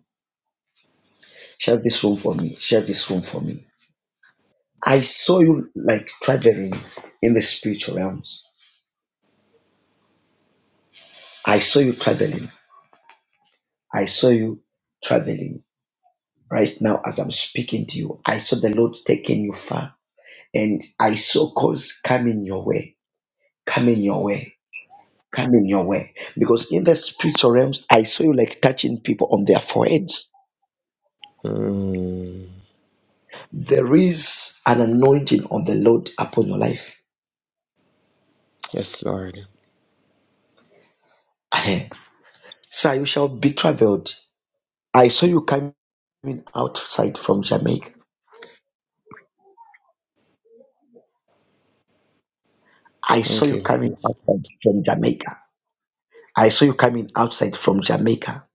[SPEAKER 1] Share this room for me. Share this room for me. I saw you like traveling in the spiritual realms. I saw you traveling. I saw you traveling right now as I'm speaking to you. I saw the Lord taking you far and I saw cause coming your way. coming your way. Coming your way. Because in the spiritual realms, I saw you like touching people on their foreheads.
[SPEAKER 8] Mm.
[SPEAKER 1] There is an anointing on the Lord upon your life.
[SPEAKER 8] Yes, Lord.
[SPEAKER 1] Ahem. Sir, you shall be traveled. I saw you coming outside from Jamaica. I saw
[SPEAKER 8] Thank
[SPEAKER 1] you
[SPEAKER 8] you.
[SPEAKER 1] coming outside from Jamaica. I saw you coming outside from Jamaica.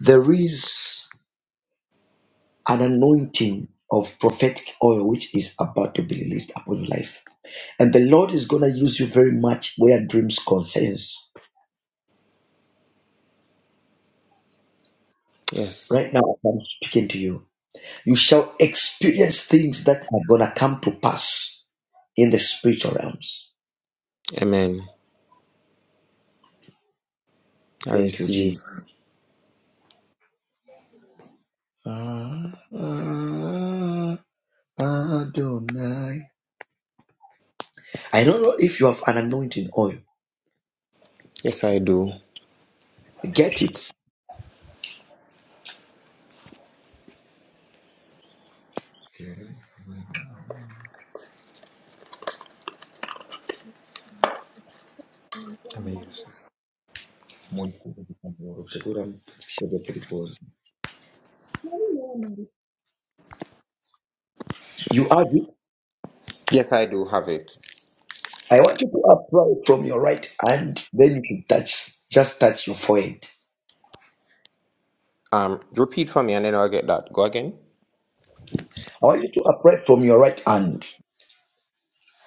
[SPEAKER 1] There is an anointing of prophetic oil which is about to be released upon your life. And the Lord is going to use you very much where dreams concerns.
[SPEAKER 8] Yes,
[SPEAKER 1] Right now, as I'm speaking to you. You shall experience things that are going to come to pass in the spiritual realms.
[SPEAKER 8] Amen. I
[SPEAKER 1] Thank you,
[SPEAKER 8] receive.
[SPEAKER 1] Jesus. Ah, ah, Adonai. I don't know if you have an anointing oil.
[SPEAKER 8] Yes, I do.
[SPEAKER 1] Get it.
[SPEAKER 8] Amen.
[SPEAKER 1] You have it.
[SPEAKER 8] Yes, I do have it.
[SPEAKER 1] I want you to apply it from your right hand, then you should touch, just touch your forehead.
[SPEAKER 8] Um, repeat for me and then I'll get that. Go again.
[SPEAKER 1] I want you to upright from your right hand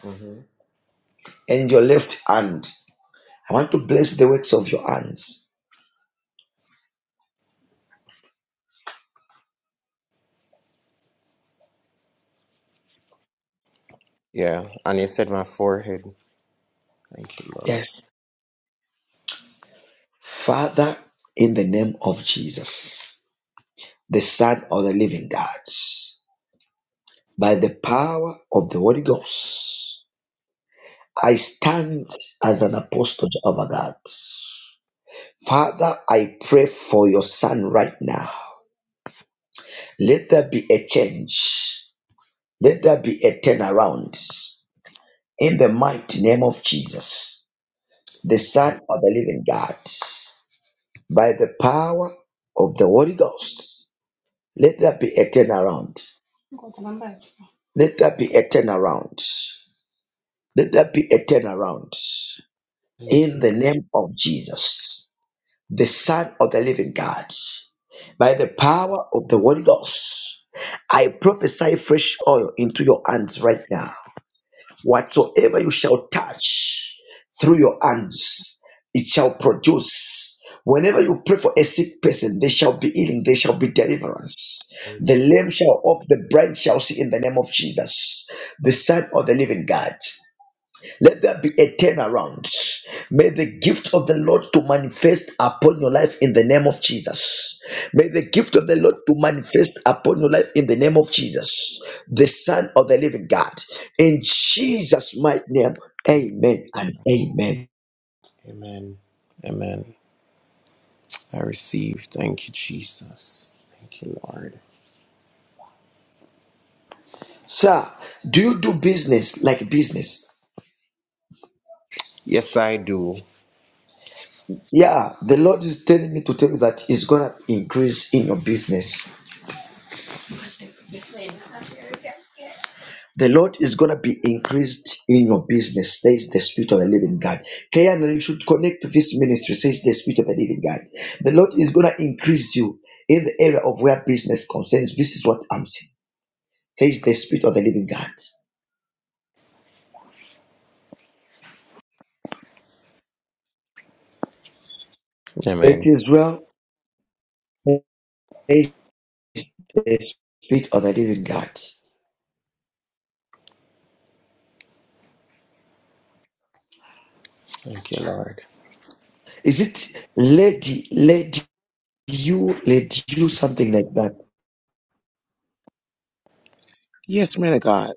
[SPEAKER 8] hmm
[SPEAKER 1] and your left hand. I want to bless the works of your hands.
[SPEAKER 8] Yeah, and you said my forehead. Thank you, Lord.
[SPEAKER 1] Yes. Father, in the name of Jesus, the Son of the living God, by the power of the Holy Ghost, I stand as an apostle of God. Father, I pray for your son right now. Let there be a change. Let there be a turnaround in the mighty name of Jesus. the
[SPEAKER 8] Yes, Lord.
[SPEAKER 1] Son of the Living God, by the power of the Holy Ghost. Let there be a turnaround. Let there be a turnaround. Let there be a turnaround.
[SPEAKER 8] Thank
[SPEAKER 1] In
[SPEAKER 8] you.
[SPEAKER 1] the name of Jesus, the Son of the Living God, by the power of the Holy Ghost, I prophesy fresh oil into your hands right now. Whatsoever you shall touch through your hands, it shall produce. Whenever you pray for a sick person, they shall be healing, they shall be deliverance.
[SPEAKER 8] I
[SPEAKER 1] The
[SPEAKER 8] receive.
[SPEAKER 1] lame shall walk. the blind shall see in the name of Jesus, the Son of the living God. Let there be a turnaround. May the gift of the Lord to manifest upon your life in the name of Jesus. May the gift of the Lord to manifest upon your life in the name of Jesus, the Son of the Living God. In Jesus' mighty name, amen and amen.
[SPEAKER 8] Amen. Amen. I receive. Thank you, Jesus. Thank you, Lord.
[SPEAKER 1] Sir, do you do business like business?
[SPEAKER 8] Yes, I do.
[SPEAKER 1] Yeah, the Lord is telling me to tell you that He's gonna increase in your business. The Lord is going to be increased in your business, says the Spirit of the Living God. KNL should connect to this ministry, says the Spirit of the Living God. The Lord is going to increase you in the area of where business concerns. This is what I'm seeing. says the Spirit of the Living God. It
[SPEAKER 8] Amen.
[SPEAKER 1] is well, says the Spirit of the Living God.
[SPEAKER 8] Thank you, Lord.
[SPEAKER 1] Is it lady, lady, you, lady, you, something like that?
[SPEAKER 9] Yes, man of God.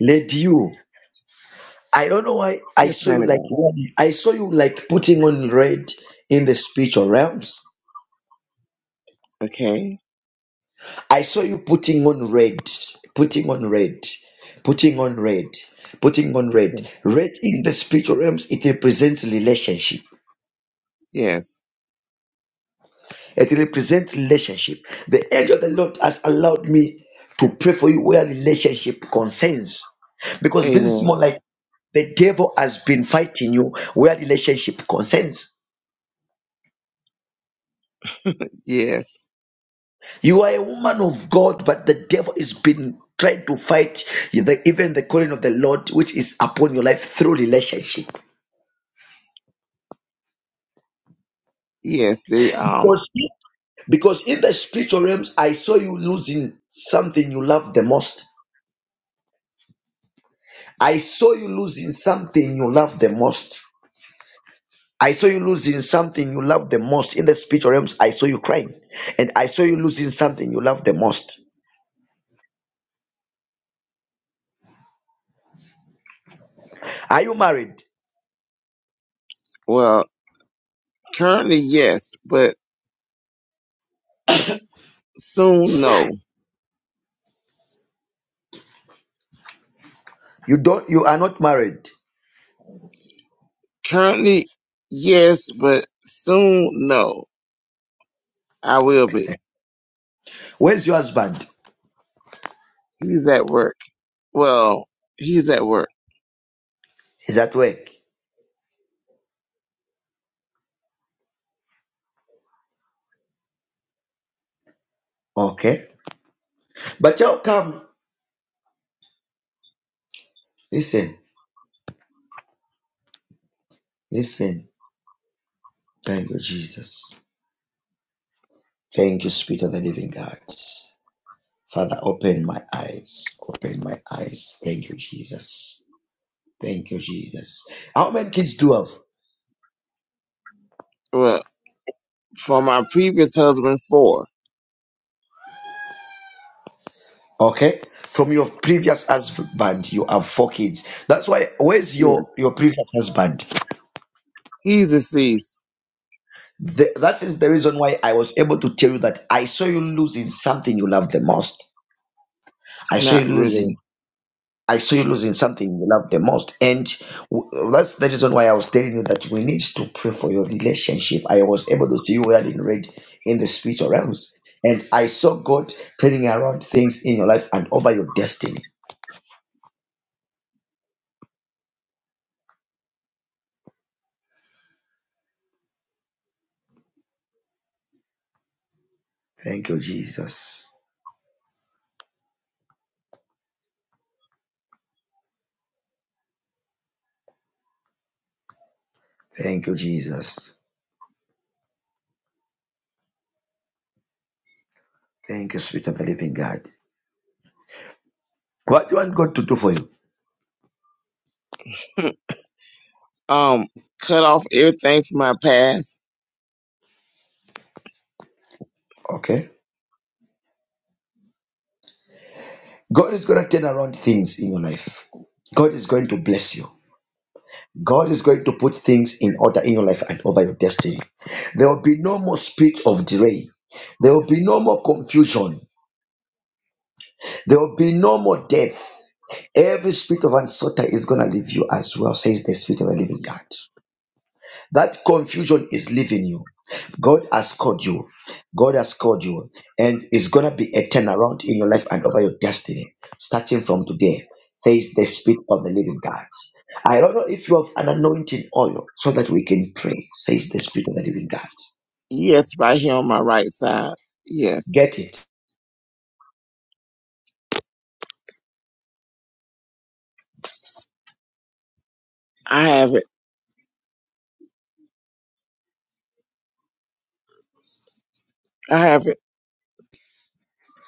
[SPEAKER 1] Lady, you. I don't know why I
[SPEAKER 9] Yes,
[SPEAKER 1] saw
[SPEAKER 9] man
[SPEAKER 1] you
[SPEAKER 9] of
[SPEAKER 1] like
[SPEAKER 9] God.
[SPEAKER 1] wearing- I saw you like putting on red in the spiritual realms.
[SPEAKER 9] Okay.
[SPEAKER 1] I saw you putting on red, putting on red, putting on red, putting on red.
[SPEAKER 9] Okay.
[SPEAKER 1] Red in the spiritual realms, it represents relationship.
[SPEAKER 9] Yes.
[SPEAKER 1] It represents relationship. The angel of the Lord has allowed me to pray for you where relationship concerns. Because this is more
[SPEAKER 9] Amen.
[SPEAKER 1] like the devil has been fighting you where relationship concerns.
[SPEAKER 9] Yes.
[SPEAKER 1] You are a woman of God, but the devil is been trying to fight the, even the calling of the Lord, which is upon your life through relationship.
[SPEAKER 9] Yes. They um
[SPEAKER 1] Because, because in the spiritual realms, I saw you losing something you love the most. I saw you losing something you love the most. I saw you losing something you love the most. In the spiritual realms, I saw you crying. And I saw you losing something you love the most. Are you married?
[SPEAKER 9] well currently yes, but soon no.
[SPEAKER 1] You don't you are not married.
[SPEAKER 9] Currently yes, but soon no. I will be.
[SPEAKER 1] Where's your husband?
[SPEAKER 9] He's at work. Well, he's at work.
[SPEAKER 1] Is at work. Okay. But y'all come. Listen, listen. Thank you, Jesus. Thank you, Spirit of the Living God. Father, open my eyes. Open my eyes. Thank you, Jesus. Thank you, Jesus. How many kids do you have?
[SPEAKER 9] Well, for my previous husband four.
[SPEAKER 1] Okay, from your previous husband, you have four kids. That's why. Where's
[SPEAKER 9] Yeah.
[SPEAKER 1] your your previous husband?
[SPEAKER 9] He's deceased.
[SPEAKER 1] The, that is the reason why I was able to tell you that I saw you losing something you love the most. I saw
[SPEAKER 9] Not
[SPEAKER 1] you losing.
[SPEAKER 9] really.
[SPEAKER 1] I saw you losing something you love the most. And w- that's the reason why I was telling you that we need to pray for your relationship. I was able to see you well in red in the spiritual realms. And I saw God turning around things in your life and over your destiny. Thank you, Jesus. Thank you, Jesus. Thank you, Spirit of the Living God. What do you want God to do for you?
[SPEAKER 9] um cut off everything from my past
[SPEAKER 1] Okay. God is going to turn around things in your life. God is going to bless you. God is going to put things in order in your life and over your destiny. There will be no more spirit of delay. There will be no more confusion. There will be no more death. Every spirit of uncertainty is going to leave you as well, says the Spirit of the Living God. That confusion is leaving you. God has called you. God has called you. And it's going to be a turnaround in your life and over your destiny. Starting from today, face the Spirit of the living God. I don't know if you have an anointing oil so that we can pray, says the Spirit of the living God.
[SPEAKER 9] Yes, right here on my right side. Yes.
[SPEAKER 1] Get it.
[SPEAKER 9] I have it. I have it.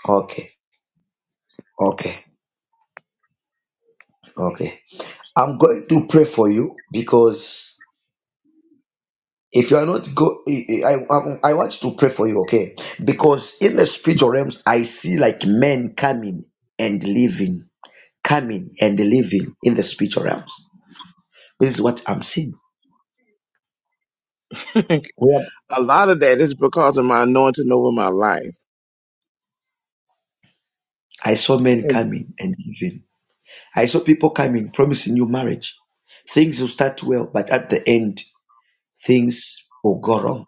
[SPEAKER 1] Okay. Okay. Okay. I'm going to pray for you because if you are not go i i, I want you to pray for you okay because in the spiritual realms i see like men coming and leaving coming and leaving in the spiritual realms this is what i'm seeing where
[SPEAKER 9] a lot of that is because of my anointing over my life.
[SPEAKER 1] i saw men
[SPEAKER 9] And
[SPEAKER 1] coming and leaving i saw people coming promising you marriage things will start well but at the end things will go wrong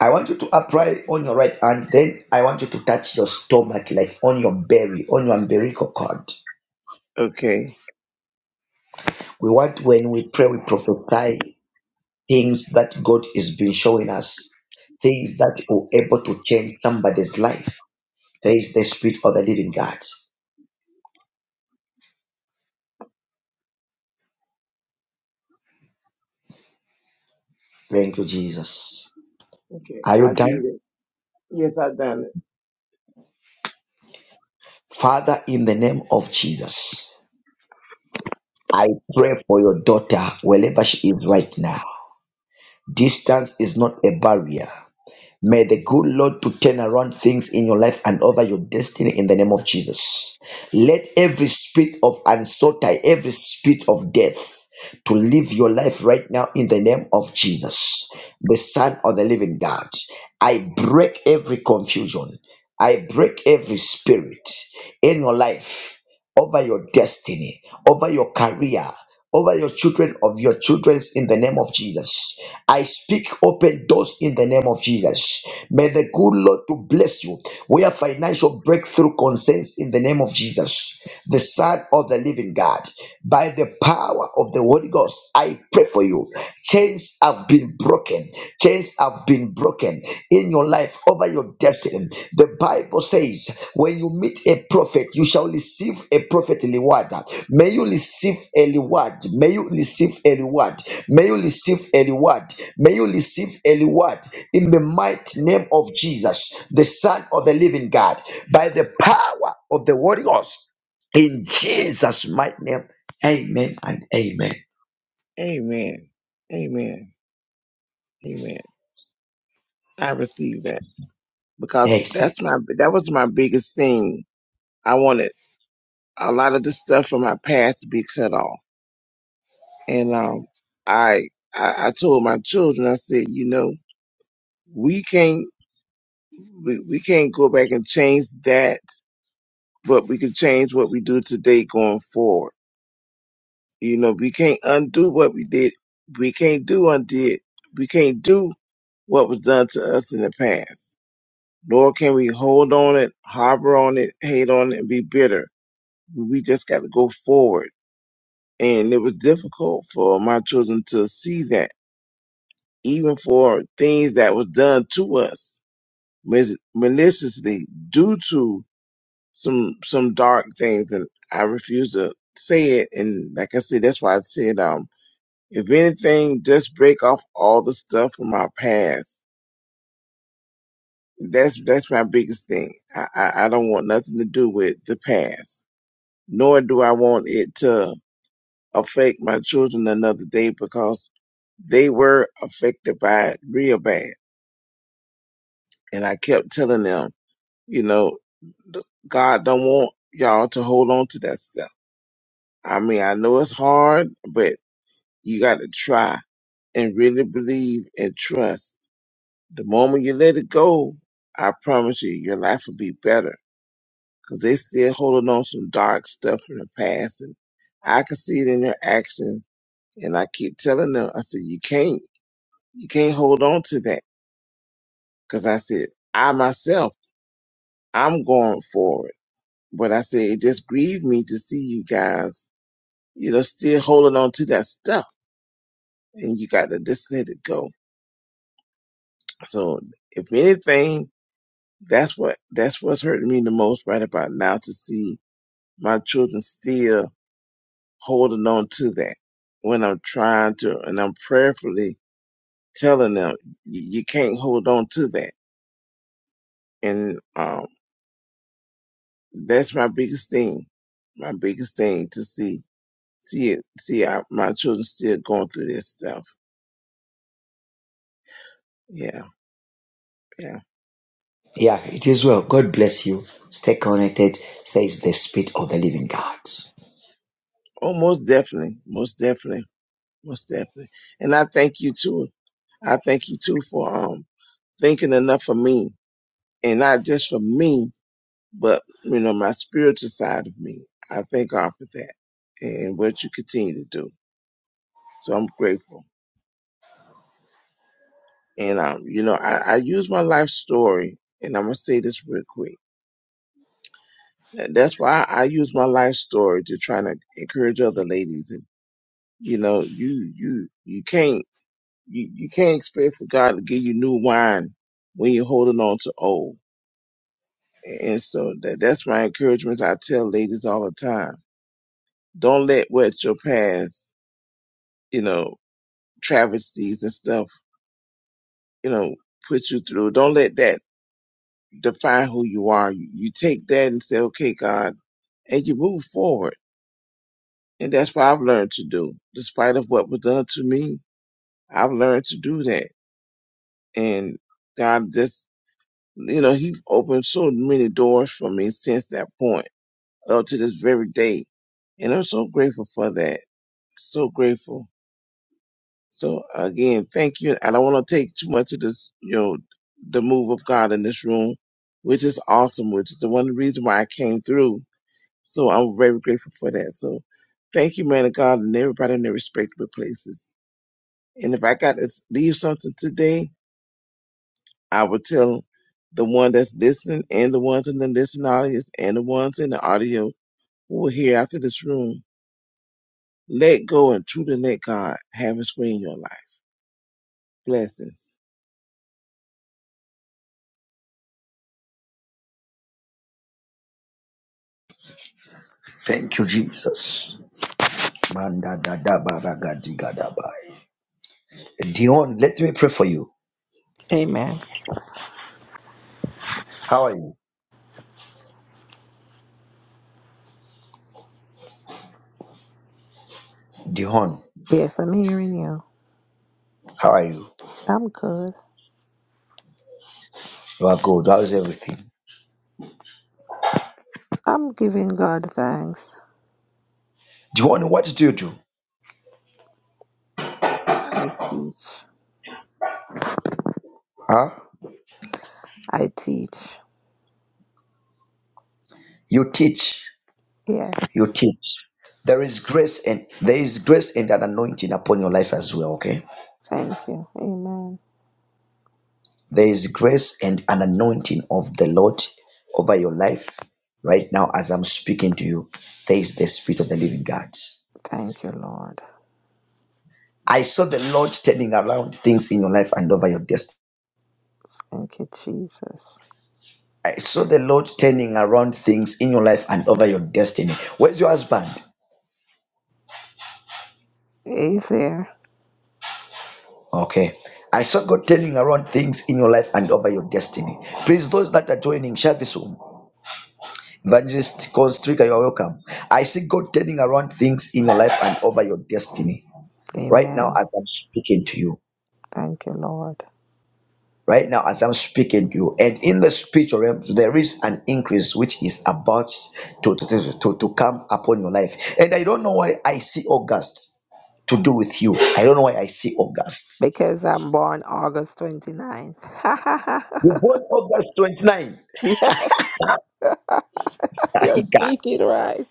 [SPEAKER 1] i want you to apply on your right hand then i want you to touch your stomach like on your belly on your umbilical cord
[SPEAKER 9] okay.
[SPEAKER 1] We want when we pray, we prophesy things that God has been showing us, things that are able to change somebody's life. There is the spirit of the living God. Thank you, Jesus.
[SPEAKER 9] Okay.
[SPEAKER 1] Are you
[SPEAKER 9] I
[SPEAKER 1] done?
[SPEAKER 9] did it. Yes, I done it.
[SPEAKER 1] Father, in the name of Jesus, I pray for your daughter wherever she is right now. Distance is not a barrier. May the good Lord to turn around things in your life and over your destiny in the name of Jesus. Let every spirit of uncertainty, every spirit of death, to live your life right now in the name of Jesus, the Son of the Living God. I break every confusion. I break every spirit in your life, over your destiny, over your career over your children of your children's in the name of Jesus. I speak open doors in the name of Jesus. May the good Lord to bless you. We have financial breakthrough concerns in the name of Jesus, the Son of the Living God, by the power of the Holy Ghost, I pray for you. Chains have been broken. Chains have been broken in your life over your destiny. The Bible says, when you meet a prophet, you shall receive a prophet reward. May you receive a reward. May you receive a reward. May you receive a reward. May you receive a reward in the mighty name of Jesus, the Son of the living God, by the power of the Holy Ghost. In Jesus' mighty name, amen and amen.
[SPEAKER 9] Amen. Amen. Amen. I received that because
[SPEAKER 1] Yes,
[SPEAKER 9] that's my, that was my biggest thing. I wanted a lot of the stuff from my past to be cut off. And um, I, I I told my children, I said, you know, we can't we, we can't go back and change that, but we can change what we do today going forward. You know, we can't undo what we did. We can't do undid. We can't do what was done to us in the past. Nor can we hold on it, harbor on it, hate on it, and be bitter. We just got to go forward. And it was difficult for my children to see that even for things that was done to us mis- maliciously due to some some dark things and I refuse to say it and like I said that's why I said um if anything just break off all the stuff from our past that's that's my biggest thing I, I I don't want nothing to do with the past nor do I want it to affect my children another day because they were affected by it real bad and I kept telling them you know th- God don't want y'all to hold on to that stuff. I mean, I know it's hard, but you got to try and really believe and trust. The moment you let it go, I promise you, your life will be better. 'Cause they still holding on some dark stuff from the past. And I can see it in their actions. And I keep telling them, I said, you can't, you can't hold on to that. 'Cause I said, I myself, I'm going forward. But I said, it just grieved me to see you guys you know, still holding on to that stuff and you got to just let it go. So if anything, that's what, that's what's hurting me the most right about now to see my children still holding on to that when I'm trying to, and I'm prayerfully telling them you, you can't hold on to that. And, um, that's my biggest thing, my biggest thing to see, see it, see our, my children still going through this stuff. Yeah. Yeah.
[SPEAKER 1] Yeah, it is well. God bless you. Stay connected. Stay in the spirit of the living God.
[SPEAKER 9] Oh, most definitely. Most definitely Most definitely. And I thank you too. I thank you too for um thinking enough for me and not just for me, but you know, my spiritual side of me. I thank God for that and what you continue to do. So I'm grateful. And um, you know, I, I use my life story and I'm gonna say this real quick. That- That's why I, I use my life story to try to encourage other ladies and you know, you you you can't you, you can't expect for God to give you new wine when you're holding on to old And so that, that's my encouragement. I tell ladies all the time, don't let what your past, you know, travesties and stuff, you know, put you through. Don't let that define who you are. You, you take that and say, okay, God, and you move forward. And that's what I've learned to do. Despite of what was done to me, I've learned to do that. And God just, you know, he opened so many doors for me since that point up to this very day. And I'm so grateful for that so grateful. So again, thank you. I don't want to take too much of this, you know, the move of God in this room, which is awesome, which is the one reason why I came through. So I'm very grateful for that. So thank you, man of God, and everybody in their respective places. And if I got to leave something today, I would tell the one that's listening and the ones in the listening audience and the ones in the audio who are here after this room. Let go and truly let God have his way in your life. Blessings.
[SPEAKER 1] Thank you, Jesus. Manda da da ba ra ga di ga da ba. Dion, let me pray for you.
[SPEAKER 5] Amen.
[SPEAKER 1] How are you? Dion,
[SPEAKER 5] Yes, I'm hearing you.
[SPEAKER 1] how are you?
[SPEAKER 5] I'm good.
[SPEAKER 1] You are good. How's everything?
[SPEAKER 5] I'm giving God thanks.
[SPEAKER 1] Dion, what do you do?
[SPEAKER 5] I teach.
[SPEAKER 1] Huh?
[SPEAKER 5] I teach.
[SPEAKER 1] You teach.
[SPEAKER 5] Yes.
[SPEAKER 1] You teach. There is grace and there is grace and an anointing upon your life as well, okay?
[SPEAKER 5] Thank you. Amen.
[SPEAKER 1] There is grace and an anointing of the Lord over your life right now as I'm speaking to you. There is the Spirit of the Living God.
[SPEAKER 5] Thank you, Lord.
[SPEAKER 1] I saw the Lord turning around things in your life and over your destiny.
[SPEAKER 5] Thank you, Jesus.
[SPEAKER 1] I saw the Lord turning around things in your life and over your destiny. Where's your husband?
[SPEAKER 5] Is there?
[SPEAKER 1] Okay. I saw God turning around things in your life and over your destiny. Please, those that are joining, share this room. Evangelist Constrictor, you're welcome. I see God turning around things in your life and over your destiny. right now
[SPEAKER 5] Amen.
[SPEAKER 1] as I'm speaking to you,
[SPEAKER 5] Thank you, Lord.
[SPEAKER 1] right now as I'm speaking to you, and in the spiritual realm, there is an increase which is about to, to, to, to to come upon your life. And I don't know why I see August to do with you. I don't know why I see August.
[SPEAKER 5] Because I'm born August 29th.
[SPEAKER 1] You born August 29.
[SPEAKER 5] yes,
[SPEAKER 1] My
[SPEAKER 5] you're
[SPEAKER 1] God.
[SPEAKER 5] speaking right.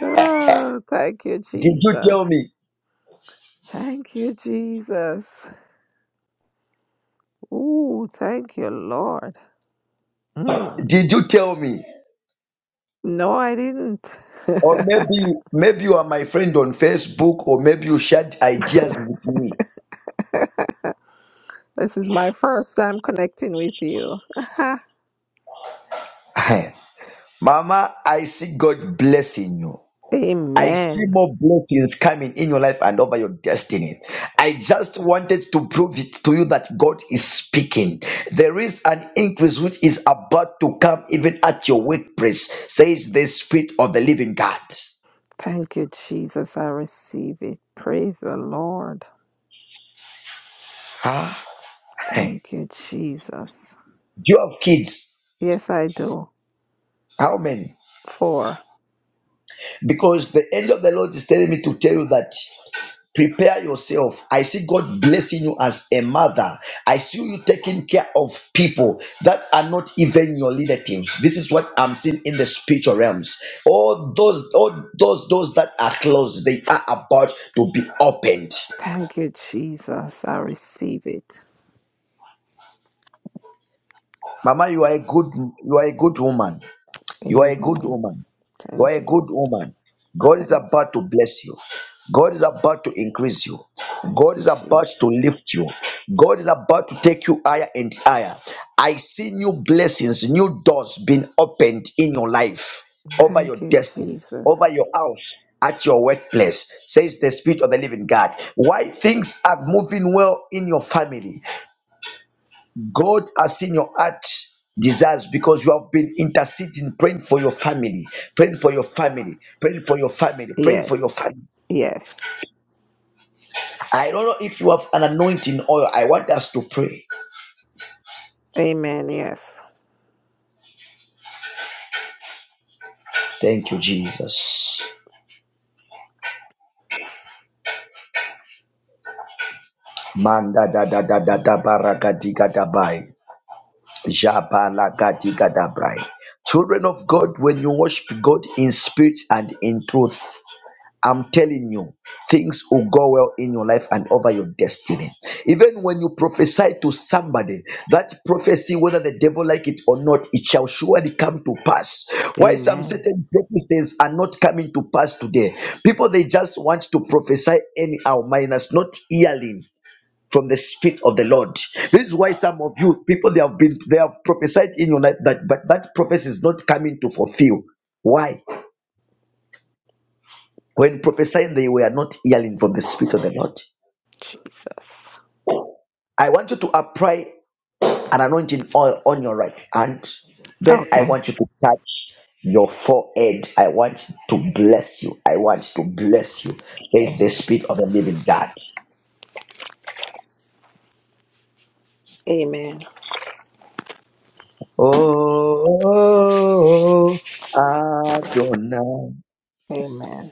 [SPEAKER 5] Oh, thank you,
[SPEAKER 1] Did you tell
[SPEAKER 5] Jesus.
[SPEAKER 1] me?
[SPEAKER 5] Thank you, Jesus. Ooh, thank you, Lord. Mm.
[SPEAKER 1] Did you tell me?
[SPEAKER 5] No, I didn't.
[SPEAKER 1] Or maybe maybe you are my friend on Facebook, or maybe you shared ideas with me.
[SPEAKER 5] this is my first time connecting with you.
[SPEAKER 1] Mama, I see God blessing you. I see
[SPEAKER 5] Amen.
[SPEAKER 1] more blessings coming in your life and over your destiny. I just wanted to prove it to you that God is speaking. There is an increase which is about to come even at your workplace, says the Spirit of the Living God.
[SPEAKER 5] Thank you, Jesus. I receive it. Praise the Lord.
[SPEAKER 1] Huh? Hey.
[SPEAKER 5] Thank you, Jesus.
[SPEAKER 1] Do you have kids?
[SPEAKER 5] Yes, I do.
[SPEAKER 1] How many?
[SPEAKER 5] Four.
[SPEAKER 1] Because the angel of the Lord is telling me to tell you that. prepare yourself i see god blessing you as a mother i see you taking care of people that are not even your relatives this is what i'm seeing in the spiritual realms all those all those those that are closed they are about to be opened
[SPEAKER 5] Thank you, Jesus. I receive it.
[SPEAKER 1] mama you are a good you are a good woman You are a good
[SPEAKER 5] Amen.
[SPEAKER 1] woman. You are
[SPEAKER 5] Thank
[SPEAKER 1] a
[SPEAKER 5] you.
[SPEAKER 1] good woman. God is
[SPEAKER 5] Thank,
[SPEAKER 1] about to bless you. God is
[SPEAKER 5] thank,
[SPEAKER 1] about to increase you.
[SPEAKER 5] thank
[SPEAKER 1] God is
[SPEAKER 5] you,
[SPEAKER 1] about to
[SPEAKER 5] Jesus.
[SPEAKER 1] lift you. God is about to take you higher and higher. I see new blessings, new doors being opened in your life, over
[SPEAKER 5] Thank
[SPEAKER 1] your
[SPEAKER 5] you,
[SPEAKER 1] destiny, over
[SPEAKER 5] Jesus.
[SPEAKER 1] your house, at your workplace, says the Spirit of the Living God. Why things are moving well in your family, God has seen your heart desires because you have been interceding, praying for your family, praying for your family, praying for your family, praying for
[SPEAKER 5] Yes.
[SPEAKER 1] your family.
[SPEAKER 5] Yes.
[SPEAKER 1] I don't know if you have an anointing oil. I want us to pray.
[SPEAKER 5] Amen. Yes.
[SPEAKER 1] Thank you, Jesus. Manda da da da da da baragadiga da bai. Jabalagadiga da brai. Children of God, when you worship God in spirit and in truth, I'm telling you, things will go well in your life and over your destiny. Even when you prophesy to somebody, that prophecy, whether the devil like it or not, it shall surely come to pass. Why some
[SPEAKER 5] Amen.
[SPEAKER 1] certain prophecies are not coming to pass today? People they just want to prophesy anyhow, minus not hearing from the spirit of the Lord. This is why some of you people they have been they have prophesied in your life that but that prophecy is not coming to fulfill. Why? When prophesying, they were not hearing from the Spirit of the Lord.
[SPEAKER 5] Jesus.
[SPEAKER 1] I want you to apply an anointing oil on your right hand. Then I
[SPEAKER 5] Okay.
[SPEAKER 1] want you to touch your forehead. I want to bless you. I want to bless you. Says the
[SPEAKER 5] Amen.
[SPEAKER 1] Spirit of the Living God.
[SPEAKER 5] Amen.
[SPEAKER 1] Oh, Adonai.
[SPEAKER 5] Amen.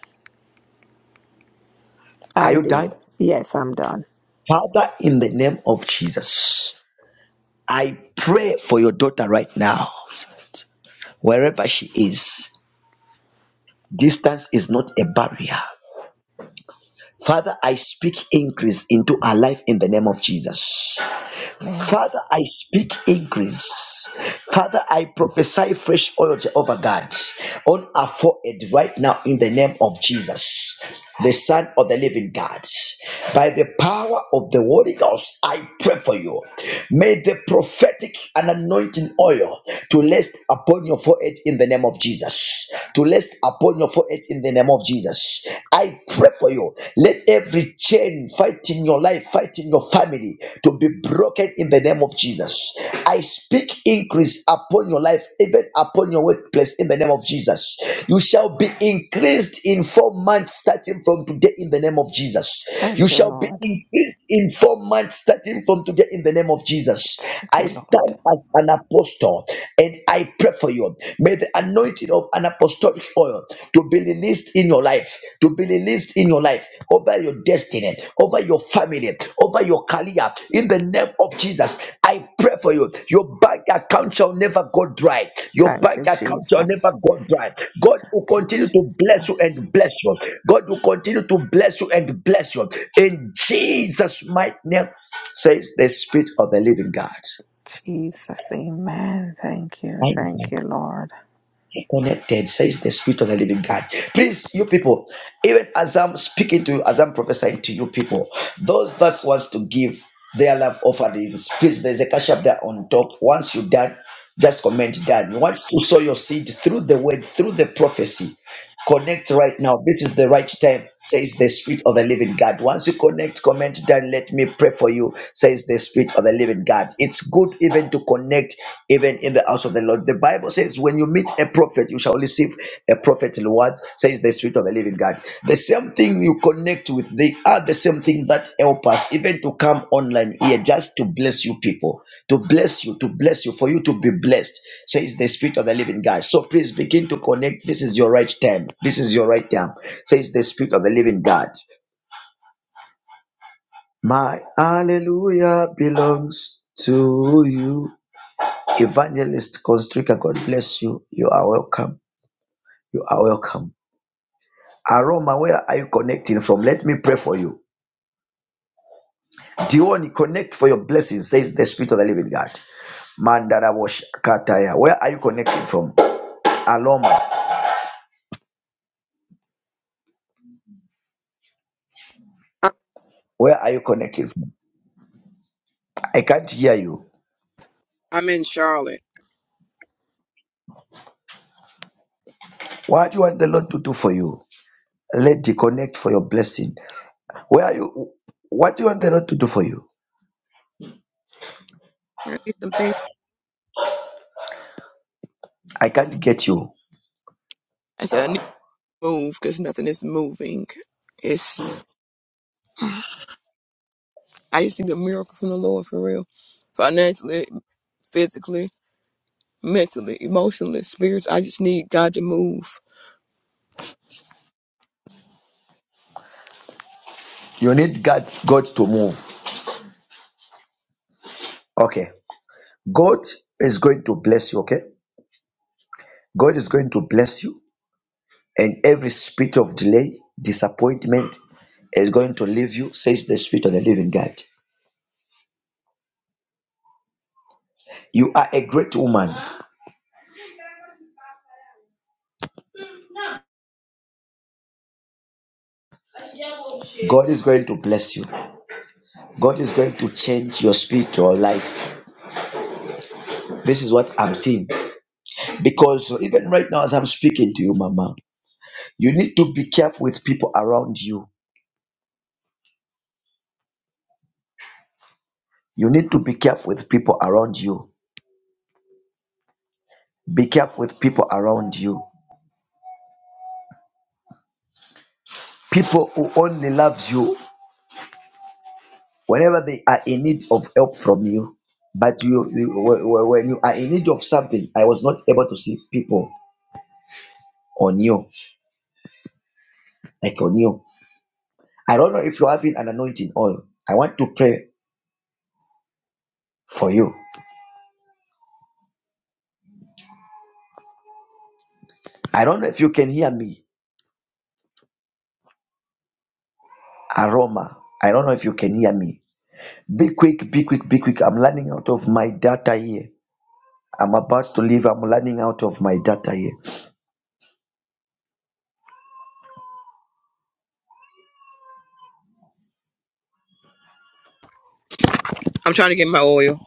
[SPEAKER 1] Are
[SPEAKER 5] I
[SPEAKER 1] you done?
[SPEAKER 5] did. Yes, I'm done.
[SPEAKER 1] Father, in the name of Jesus, I pray for your daughter right now, wherever she is. Distance is not a barrier. Father, I speak increase into our life in the name of Jesus.
[SPEAKER 5] Amen.
[SPEAKER 1] Father, I speak increase. Father, I prophesy fresh oil, Jehovah God, on our forehead right now in the name of Jesus, the Son of the Living God. By the power of the Holy Ghost, I pray for you. May the prophetic and anointing oil to rest upon your forehead in the name of Jesus. To rest upon your forehead in the name of Jesus. I pray for you. Let every chain fighting your life, fighting your family to be broken in the name of Jesus. I speak increase upon your life, even upon your workplace in the name of Jesus. You shall be increased in four months starting from today in the name of Jesus. You
[SPEAKER 5] Thank you,
[SPEAKER 1] shall be
[SPEAKER 5] Lord.
[SPEAKER 1] increased in four months starting from today in the name of Jesus.
[SPEAKER 5] Thank
[SPEAKER 1] I
[SPEAKER 5] you, Lord.
[SPEAKER 1] stand as an apostle and I pray for you. May the anointing of an apostolic oil to be released in your life, to be released in your life, over your destiny, over your family, over your career. In the name of Jesus, I pray for you. Your bank account shall never go dry. Your
[SPEAKER 5] Thank
[SPEAKER 1] bank
[SPEAKER 5] you,
[SPEAKER 1] account shall
[SPEAKER 5] Jesus.
[SPEAKER 1] never go dry. God will
[SPEAKER 5] Thank you,
[SPEAKER 1] continue to bless you
[SPEAKER 5] Jesus.
[SPEAKER 1] and bless you. God will continue to bless you and bless you. In Jesus' mighty name, says the Spirit of the Living God.
[SPEAKER 5] Jesus. Amen. Thank you. Thank you, Lord.
[SPEAKER 1] connected, says the Spirit of the Living God. Please, you people, even as I'm speaking to you, as I'm prophesying to you people, those that wants to give their love offerings, please, there's a cash up there on top. Once you done, just comment done. Once you sow your seed through the word, through the prophecy, Connect right now. This is the right time, says the Spirit of the Living God. Once you connect, comment down. Let me pray for you, says the Spirit of the Living God. It's good even to connect, even in the house of the Lord. The Bible says, when you meet a prophet, you shall receive a prophet reward, says the Spirit of the Living God. The same thing you connect with, they are the same thing that help us even to come online here just to bless you people, to bless you, to bless you, for you to be blessed, says the Spirit of the Living God. So please begin to connect. This is your right time. This is your right time, says the Spirit of the Living God. My hallelujah belongs to you. Evangelist Constrictor, God bless you. You are welcome. You are welcome. Aroma, where are you connecting from? Let me pray for you. Dion, connect for your blessing, says the Spirit of the Living God. Mandarabosh Kataya. Where are you connecting from? Aloma.
[SPEAKER 10] I-
[SPEAKER 1] Where are you connecting from? I can't hear you.
[SPEAKER 10] I'm in Charlotte.
[SPEAKER 1] What do you want the Lord to do for you? Let the connect for your blessing. Where are you? What do you want the Lord to do for you?
[SPEAKER 10] I need some things.
[SPEAKER 1] I can't get you.
[SPEAKER 10] I said I need to move because nothing is moving. It's I just need a miracle from the Lord for real, financially, physically, mentally, emotionally, spirits. I just need God to move.
[SPEAKER 1] You need God, God to move. Okay. God is going to bless you, okay? God is going to bless you. and every spirit of delay, disappointment is going to leave you, says the Spirit of the Living God. You are a great woman. God is going to bless you. God is going to change your spiritual life. This is what I'm seeing. Because even right now, as I'm speaking to you, Mama, you need to be careful with people around you. You need to be careful with people around you. Be careful with people around you. People who only love you whenever they are in need of help from you but you, you wh- wh- when you are in need of something i was not able to see people on you like on you i don't know if you're having an anointing oil i want to pray for you i don't know if you can hear me aroma i don't know if you can hear me be quick be quick be quick i'm running out of my data here i'm about to leave i'm running out of my data here
[SPEAKER 10] I'm trying to get my oil.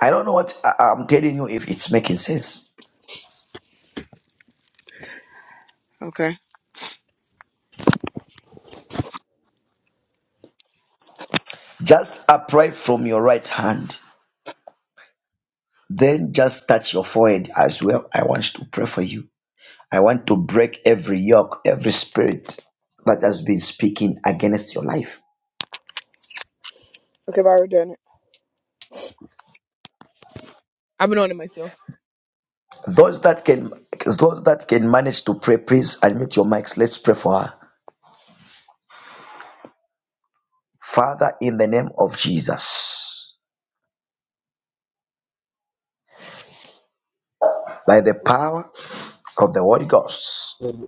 [SPEAKER 1] i don't know what I- i'm telling you if it's making sense
[SPEAKER 10] Okay.
[SPEAKER 1] just upright from your right hand Then just touch your forehead as well. I want to pray for you. I want to break every yoke, every spirit that has been speaking against your life.
[SPEAKER 10] Okay, I've already done it. I've been on it myself.
[SPEAKER 1] Those that can those that can manage to pray, please admit your mics. Let's pray for her. Father, in the name of Jesus, by the power of the Holy Ghost.
[SPEAKER 3] you.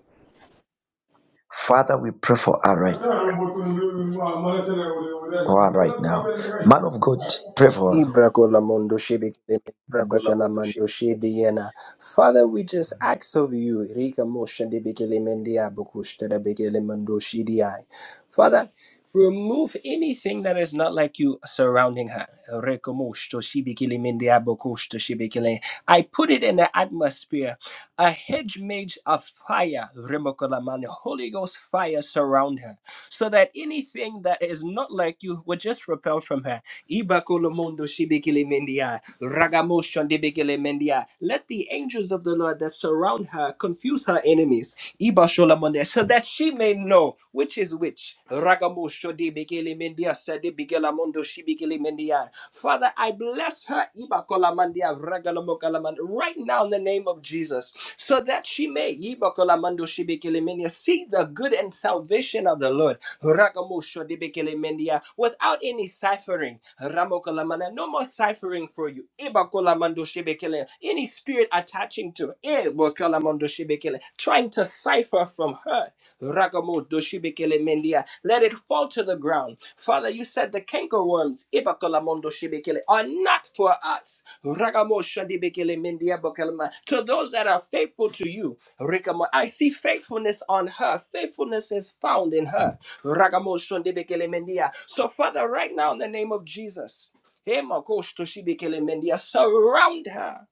[SPEAKER 1] Father, we pray for her right for her right now. Man of God, pray for her.
[SPEAKER 3] Ibracolamondo shebekele, ebakalamondo
[SPEAKER 11] Bracolamundos
[SPEAKER 3] shediena. Father, we just ask of you. Rika moshe debekele mendia, bokushta debekele mondo shediai. Father, remove anything that is not like you surrounding her. Reko moshto shebekele mendia, bokushta shebekele. I put it in the atmosphere. A hedge made of fire, Remokolamani, Holy Ghost fire surround her, so that anything that is not like you would just repel from her. Ibakolo mondo shibikili mendia. Ragamoshon debekele mendia. Let the angels of the Lord that surround her confuse her enemies. Ibashola mondia, so that she may know which is which. Ragamosho debekele mendia, sadebikela mondo shibikili mendia. Father, I bless her Ibakola mandia, ragalomokala right now in the name of Jesus, so that she may Ibakola mando shibikili mendia, see the good and salvation of the Lord. Rakamosho debekele mendia, without any ciphering. Ramokalamana, no more ciphering for you. Ibakolamando shebekele, Any spirit attaching to her, Ebokolamondo shebekele, trying to cipher from her. Ragamo doshibekele mendia. Let it fall to the ground. Father, you said the cankerworms ibakalamondo shibekele, are not for us. Ragamo shandibekele mendia bokelma. To those that are faithful to you, Rikamo, I see faithfulness on her. Faithfulness is found in her. Ragamo shandibekele mendia. So, Father, right now in the name of Jesus, Hemakosh toshibekele mendia, surround her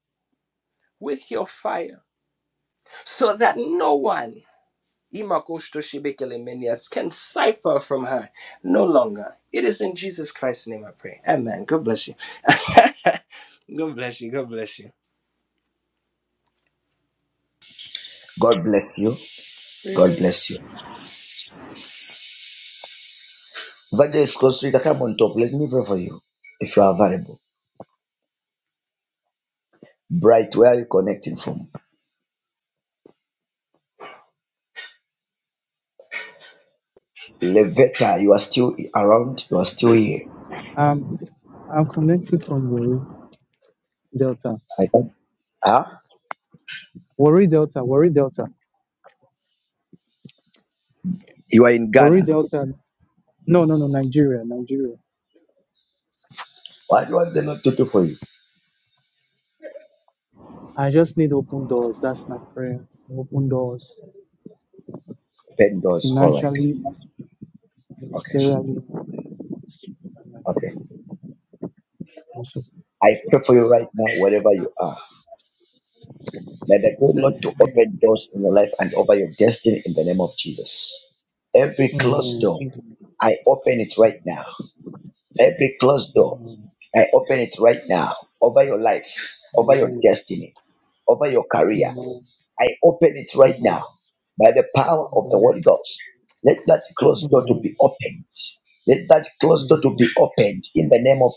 [SPEAKER 3] with your fire so that no one Imakostoshibikelemenias can cipher from her no longer. It is in Jesus Christ's name I pray. Amen. God bless you. God bless you. God bless you.
[SPEAKER 1] God bless you. God
[SPEAKER 10] Amen.
[SPEAKER 1] bless you. Evangelist Costa, come on top. Let me pray for you if you are available. Bright, where are you connecting from? Levetta, you are still around. You are still here.
[SPEAKER 12] Um, I'm connected from Warri Delta.
[SPEAKER 1] I don't, huh?
[SPEAKER 12] Warri Delta, Warri Delta,
[SPEAKER 1] You are in
[SPEAKER 12] Warri
[SPEAKER 1] Ghana.
[SPEAKER 12] Delta. No, no, no, Nigeria, Nigeria.
[SPEAKER 1] What do you want the Lord to do for you?
[SPEAKER 12] I just need open doors. That's my prayer. Open doors
[SPEAKER 1] Open doors. All right.
[SPEAKER 12] financially,
[SPEAKER 1] Okay.
[SPEAKER 12] ministerially.
[SPEAKER 1] Okay.
[SPEAKER 12] Also,
[SPEAKER 1] I pray for you right now, wherever you are. May the good
[SPEAKER 12] say
[SPEAKER 1] Lord to
[SPEAKER 12] amen.
[SPEAKER 1] open doors in your life and over your destiny in the name of Jesus. Every closed
[SPEAKER 12] Amen.
[SPEAKER 1] door,
[SPEAKER 12] Thank you.
[SPEAKER 1] I open it right now. Every closed door,
[SPEAKER 12] Amen.
[SPEAKER 1] I open it right now over your life,
[SPEAKER 12] Amen. Amen.
[SPEAKER 1] over your destiny, over your
[SPEAKER 12] Amen.
[SPEAKER 1] career. I open it
[SPEAKER 12] Amen.
[SPEAKER 1] right
[SPEAKER 12] Amen.
[SPEAKER 1] now by the power of the Holy Ghost. Let that closed door to be opened. Let that closed
[SPEAKER 12] Amen.
[SPEAKER 1] door to be
[SPEAKER 12] Amen.
[SPEAKER 1] opened in the name of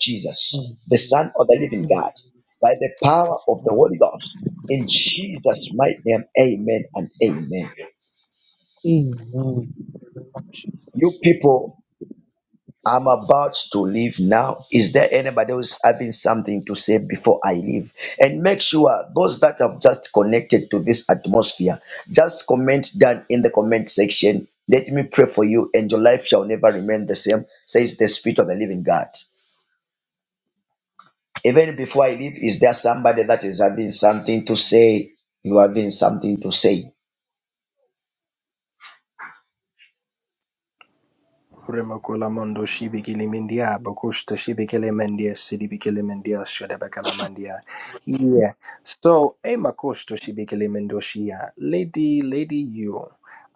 [SPEAKER 12] Amen.
[SPEAKER 1] Jesus, the Son of the Living
[SPEAKER 12] Amen.
[SPEAKER 1] God, by the power of the Holy Ghost. In Jesus' mighty name, amen and amen. You
[SPEAKER 12] Jesus.
[SPEAKER 1] people I'm about to leave now. Is there anybody who's having something to say before I leave? And make sure those that have just connected to this atmosphere, just comment down in the comment section. Let me pray for you, and your life shall never remain the same, says the Spirit of the Living God. Even before I leave, is there somebody that is having something to say? You are having something to say?
[SPEAKER 3] Remakula mondo shibikili mindia, bakushta shibikili mindia, sidibikili mindia, shadabakala mandia. Yeah. So, hey, makushta shibikili mindoshia. Lady, lady, you.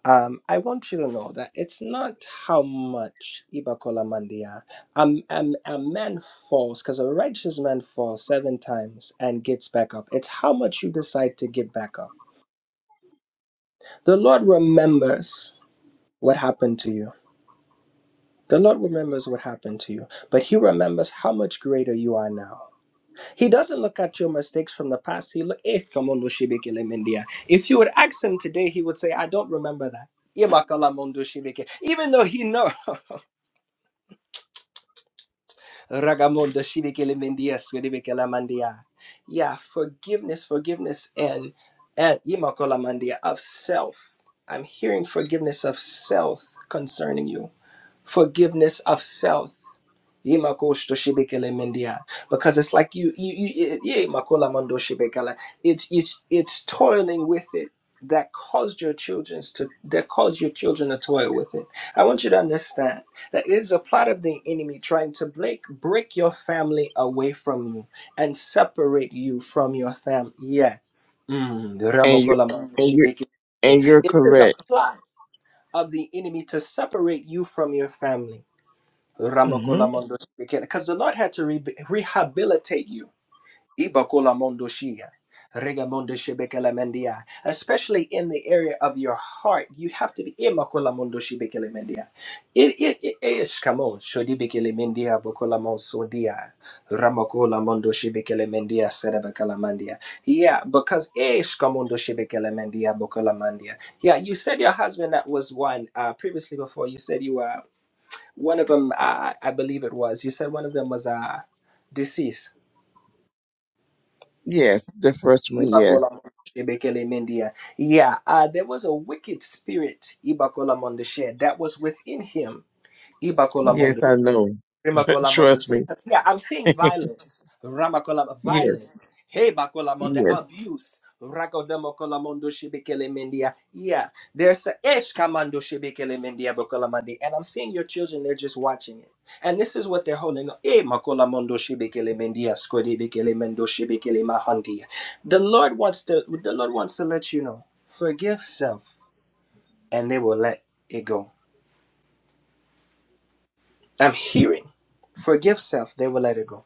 [SPEAKER 3] Um, I want you to know that it's not how much Ibakola Mandia. Um, um, a man falls because a righteous man falls seven times and gets back up. It's how much you decide to get back up. The Lord remembers what happened to you. The Lord remembers what happened to you, but He remembers how much greater you are now. He doesn't look at your mistakes from the past. He look, eh, come on, Oshibekele Mendia. If you would ask him today, he would say, I don't remember that. Yemakala mondo shibeke. Even though he know Ragamondo shibekele Mendia, Skedibekele Mandia. Yeah, forgiveness, forgiveness and and Yemakala Mandia of self. I'm hearing forgiveness of self concerning you. Forgiveness of self Yemakosto shebekele mendia. Because it's like you, you, you it- yemakola mando shebekele. it's it's it's toiling with it that caused your children to that caused your children to toil with it. I want you to understand that it is a plot of the enemy trying to break break your family away from you and separate you from your family. Yeah. Mm.
[SPEAKER 9] and you
[SPEAKER 3] Ramokola mando
[SPEAKER 9] and you
[SPEAKER 3] shebekele.
[SPEAKER 9] and you're
[SPEAKER 3] It is a plot
[SPEAKER 9] correct.
[SPEAKER 3] of the enemy to separate you from your family
[SPEAKER 9] hmm
[SPEAKER 3] because the Lord had to re- rehabilitate you. Ibakolamondoshia, regamondoshebekelendia. Especially in the area of your heart, you have to be. Imakolamondoshebekelemendia. It it it is come on. Shodibekelemendia, bokolamonsodia, ramakolamondoshebekelemendia, serebekelemendia. Yeah, because ish kamondoshebekelendia, bokolamandia. Yeah, you said your husband that was one uh, previously before. You said you were. One of them, I, I believe it was. You said one of them was uh, deceased.
[SPEAKER 9] Yes, the first one. Yes,
[SPEAKER 3] Ibakola Shebekele Mendia. Yeah, uh, there was a wicked spirit, Ibakola Mondeshe, that was within him,
[SPEAKER 9] yes, I know. Trust
[SPEAKER 3] Rimakolamonde.
[SPEAKER 9] me.
[SPEAKER 3] Yeah, I'm seeing violence. Ramakolam
[SPEAKER 9] yes,
[SPEAKER 3] violence. Hey bakolamonde
[SPEAKER 9] yes.
[SPEAKER 3] abuse. Rakodemakolamondo shibikele mendia. Yeah. There's a ish kamando shibikele mendia bokolamandi. And I'm seeing your children, they're just watching it. And this is what they're holding on. Eh makolamondo shibikele mendia skodibikele mendo shibikele mahandi. The Lord wants to the Lord wants to let you know. Forgive self and they will let it go. I'm hearing. Forgive self, they will let it go.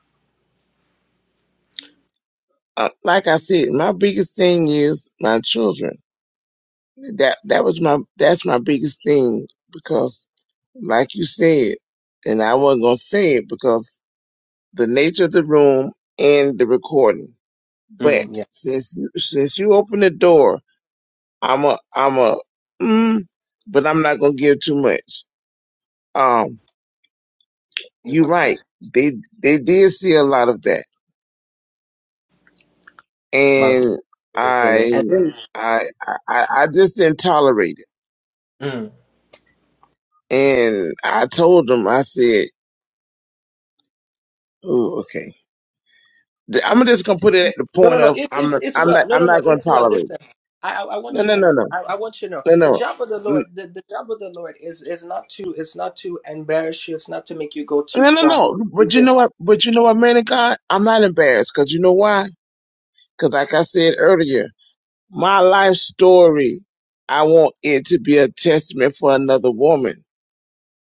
[SPEAKER 9] Uh, like I said, my biggest thing is my children. That that was my that's my biggest thing because, like you said, and I wasn't gonna say it because the nature of the room and the recording. But
[SPEAKER 3] Mm, yeah.
[SPEAKER 9] since since you opened the door, I'm a I'm a mm, but I'm not gonna give too much Um, you're right.
[SPEAKER 3] Ibakash.
[SPEAKER 9] They they did see a lot of that, and
[SPEAKER 3] Magubekele.
[SPEAKER 9] I
[SPEAKER 3] And then,
[SPEAKER 9] I I, I just didn't tolerate it.
[SPEAKER 3] mm.
[SPEAKER 9] And I told them, I said, "Ooh, okay, I'm just gonna put it at the
[SPEAKER 3] no, no,
[SPEAKER 9] point
[SPEAKER 3] no,
[SPEAKER 9] of
[SPEAKER 3] it,
[SPEAKER 9] I'm
[SPEAKER 3] it's
[SPEAKER 9] not
[SPEAKER 3] it's
[SPEAKER 9] I'm
[SPEAKER 3] well.
[SPEAKER 9] not
[SPEAKER 3] No, no,
[SPEAKER 9] I'm
[SPEAKER 3] no,
[SPEAKER 9] not gonna
[SPEAKER 3] it's well.
[SPEAKER 9] tolerate
[SPEAKER 3] Listen,
[SPEAKER 9] it.
[SPEAKER 3] I I, I
[SPEAKER 9] No,
[SPEAKER 3] want you
[SPEAKER 9] no,
[SPEAKER 3] to
[SPEAKER 9] no,
[SPEAKER 3] know.
[SPEAKER 9] no,
[SPEAKER 3] I, I want you to know
[SPEAKER 9] no,
[SPEAKER 3] the
[SPEAKER 9] no."
[SPEAKER 3] job of the
[SPEAKER 9] N-
[SPEAKER 3] Lord. The, the job of the Lord is is not to it's not to embarrass you. It's not to make you go too
[SPEAKER 9] No, no,
[SPEAKER 3] far.
[SPEAKER 9] no. But you
[SPEAKER 3] Even
[SPEAKER 9] know
[SPEAKER 3] to-
[SPEAKER 9] what? But you know what, man of God? I'm not embarrassed because you know why? Because like I said earlier, my life story, I want it to be a testament for another woman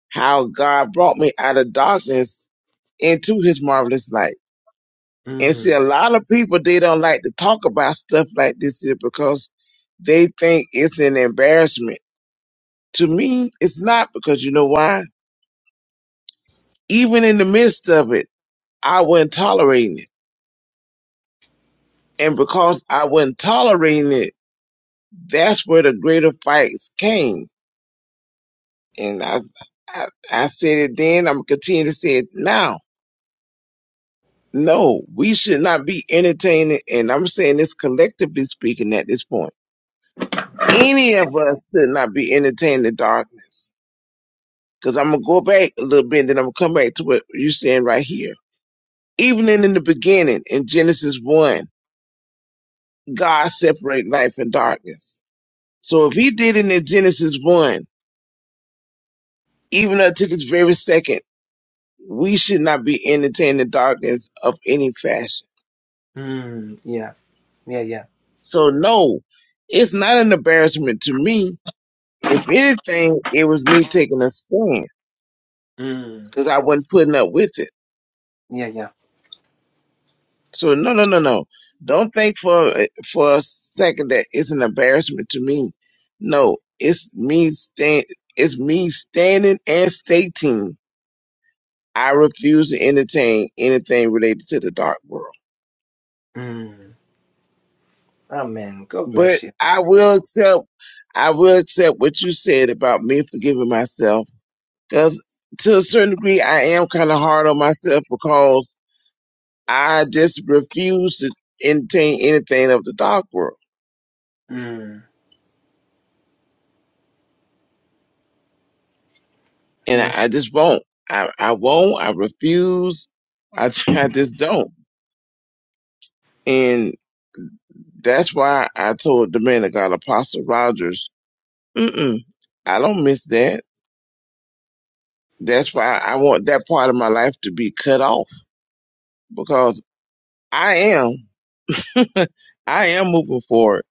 [SPEAKER 9] how God brought me out of darkness into his marvelous light. And see, a
[SPEAKER 3] Mm,
[SPEAKER 9] lot of people, they don't like to talk about stuff like this here because they think it's an embarrassment. To me, it's not because you know why? Even in the midst of it, I wasn't tolerating it. And because I wasn't tolerating it, that's where the greater fights came. And I, I, I said it then, I'm going to continue to say it now No, we should not be entertaining, and I'm saying this collectively speaking at this point. Any of us should not be entertaining the darkness. Because I'm going to go back a little bit, then I'm going to come back to what you're saying right here. Even in, in the beginning, in Genesis 1, God separated light from darkness. So if he did it in Genesis 1, even up to this very second, we should not be entertaining the darkness of any fashion.
[SPEAKER 3] mm, yeah, yeah, yeah.
[SPEAKER 9] So no, it's not an embarrassment to me If anything, it was me taking a stand
[SPEAKER 3] Mm,
[SPEAKER 9] because I wasn't putting up with it.
[SPEAKER 3] yeah, yeah.
[SPEAKER 9] So no, no, no, no. Don't think for for a second that it's an embarrassment to me. No, it's me stand. It's me standing and stating I refuse to entertain anything related to the dark world.
[SPEAKER 3] Mm. Amen. God
[SPEAKER 9] But
[SPEAKER 3] bless you.
[SPEAKER 9] I will accept. I will accept what you said about me forgiving myself because to a certain degree I am kind of hard on myself because I just refuse to entertain anything of the dark world,
[SPEAKER 3] Mm.
[SPEAKER 9] and
[SPEAKER 3] Yes.
[SPEAKER 9] I, I just won't. I, I won't. I refuse. I I just don't, and that's why I told the man of God, Apostle Rogers, Mm-mm, I don't miss that. That's why I want that part of my life to be cut off because I am, I am moving forward.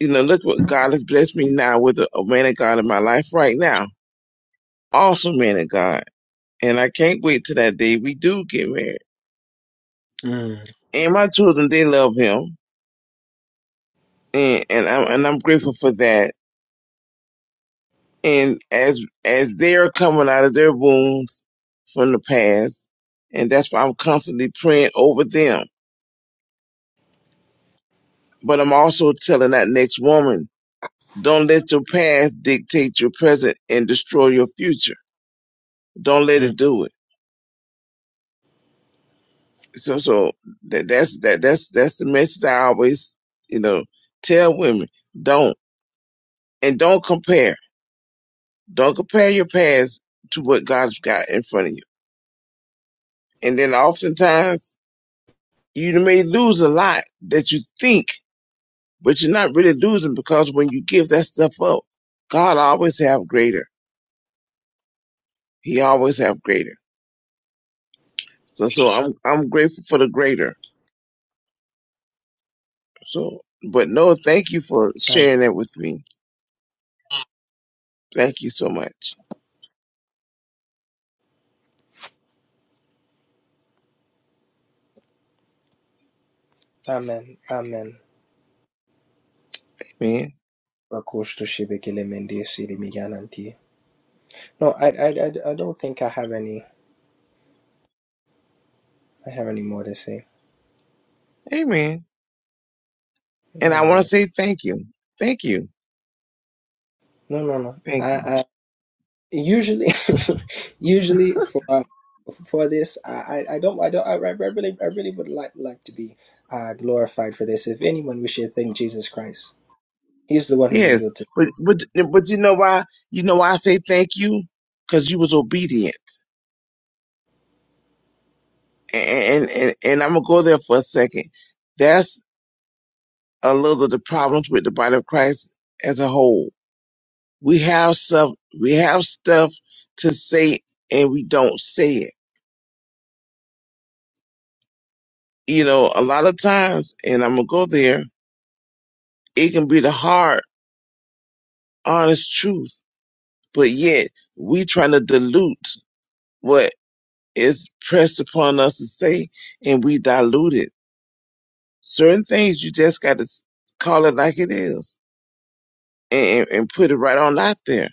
[SPEAKER 9] You know, look what God has blessed me now with a, a man of God in my life right now. Awesome man of God and I can't wait till that day we do get married.
[SPEAKER 3] Mm.
[SPEAKER 9] And my children, they love him, and and I'm and I'm grateful for that. And as as they're coming out of their wounds from the past, and that's why I'm constantly praying over them. But I'm also telling that next woman, don't let your past dictate your present and destroy your future. Don't let
[SPEAKER 3] Mm.
[SPEAKER 9] it do it. So so that that's that that's that's the message I always you know tell women. Don't and don't compare Don't compare your past to what God's got in front of you. And then oftentimes you may lose a lot that you think, but you're not really losing because when you give that stuff up, God always have greater. He always have greater. So so I'm I'm grateful for the greater. So but no, thank you for sharing
[SPEAKER 3] Amen.
[SPEAKER 9] that with me. Thank you so much.
[SPEAKER 3] Amen. Amen.
[SPEAKER 9] Amen.
[SPEAKER 3] Bakush to shibekele mende siri miyananti. No, I, I, I, I don't think I have any. I have any more to say.
[SPEAKER 9] Amen. And
[SPEAKER 3] Yeah,
[SPEAKER 9] I want to
[SPEAKER 3] man.
[SPEAKER 9] say thank you. Thank you.
[SPEAKER 3] No, no, no.
[SPEAKER 9] Thank you.
[SPEAKER 3] I, I usually, usually for for this, I, I I don't, I don't, I, I really, I really would like like to be uh, glorified for this. If anyone, we should thank Jesus Christ. He's the one who
[SPEAKER 9] Yes,
[SPEAKER 3] revealed it.
[SPEAKER 9] but but but you know why? You know why I say thank you? Because you was obedient, and and and I'm gonna go there for a second. That's a little of the problems with the body of Christ as a whole. We have some, we have stuff to say, and we don't say it. You know, a lot of times, and I'm gonna go there. It can be the hard, honest truth, but yet we trying to dilute what is pressed upon us to say, and we dilute it certain things you just got to s- call it like it is and, and put it right on out there.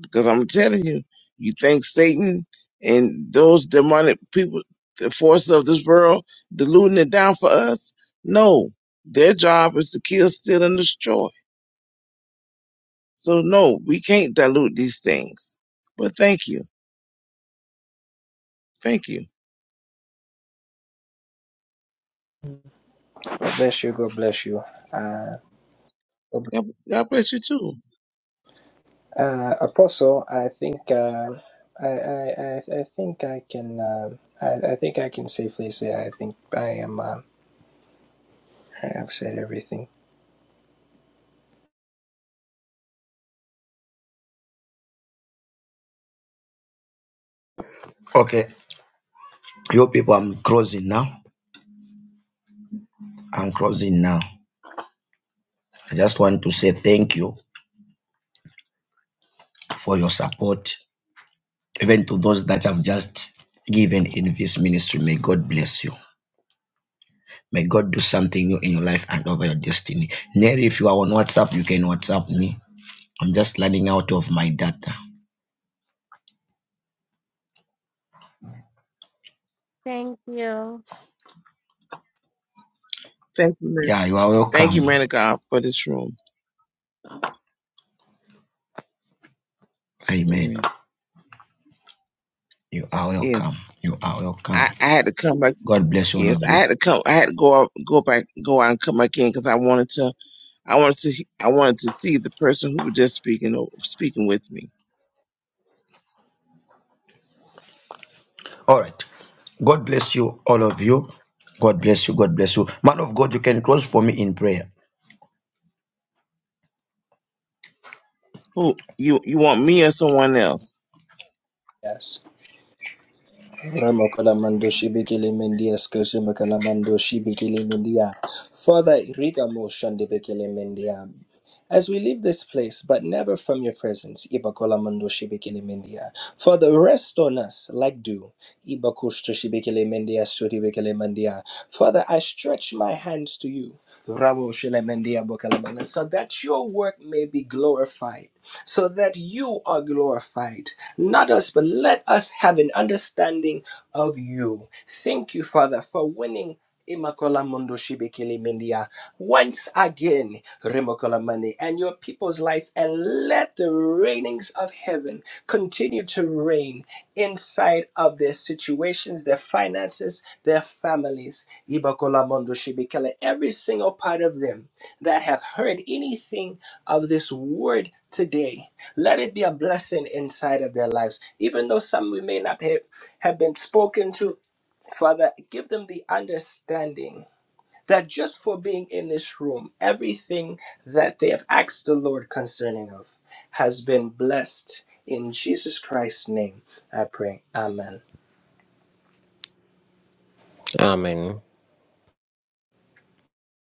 [SPEAKER 9] Because I'm telling you, you think Satan and those demonic people, the forces of this world, diluting it down for us? No, their job is to kill, steal, and destroy. So no, we can't dilute these things. But thank you, thank you.
[SPEAKER 3] God bless you. God bless you. Uh, God bless-
[SPEAKER 9] God God bless you too.
[SPEAKER 3] uh Apostle, I think, uh, I, I, I, I think I can, uh, I, I think I can safely say I think I am. Uh, I have said everything.
[SPEAKER 1] Okay, you people, I'm closing now. I'm closing now. I just want to say thank you for your support even to those that have just given in this ministry. May God bless you. May God do something new in your life and over your destiny. Neri, if you are on WhatsApp, you can WhatsApp me. I'm just learning out of my data.
[SPEAKER 2] Thank you.
[SPEAKER 9] Thank you, man.
[SPEAKER 1] Yeah, you are
[SPEAKER 9] Thank you, man
[SPEAKER 1] welcome.
[SPEAKER 9] of God, for this room.
[SPEAKER 1] Amen.
[SPEAKER 9] Amen.
[SPEAKER 1] You are
[SPEAKER 9] Yes,
[SPEAKER 1] welcome. You are welcome.
[SPEAKER 9] I, I had to come back.
[SPEAKER 1] God bless you, all
[SPEAKER 9] Yes,
[SPEAKER 1] of
[SPEAKER 9] I
[SPEAKER 1] you.
[SPEAKER 9] had to come. I had to go out, go back, go out and come back in because I wanted to. I wanted to. I wanted to see the person who was just speaking, speaking with me.
[SPEAKER 1] All right. God bless you, all of you. God bless you. God bless you. Man of God, you can close for me in prayer.
[SPEAKER 9] Who you? You want me or someone else?
[SPEAKER 3] Yes. Ramakalamando Shibikili Mendia Skosu Makalamando Shibikili Mendia. Father Rigamo Shandibikili Mendia. As we leave this place, but never from your presence, Ibakolamando Shibikili Mendia. Father, rest on us like dew. Ibakushto Shibikili Mendia Suribikili Mendia. Father, I stretch my hands to you. Ramo Shile Mendia Bokalamana, so that your work may be glorified so that you are glorified. Not us, but let us have an understanding of you. Thank you, Father, for winning. Imakola Mundo Shibikili Mindia once again, Remokola Mani, and your people's life, and let the rainings of heaven continue to reign inside of their situations, their finances, their families. Ibakolamondo Every single part of them that have heard anything of this word today, let it be a blessing inside of their lives. Even though some we may not have have been spoken to, Father, give them the understanding that just for being in this room, everything that they have asked the Lord concerning of has been blessed. In Jesus Christ's name, I pray. Amen.
[SPEAKER 8] Amen.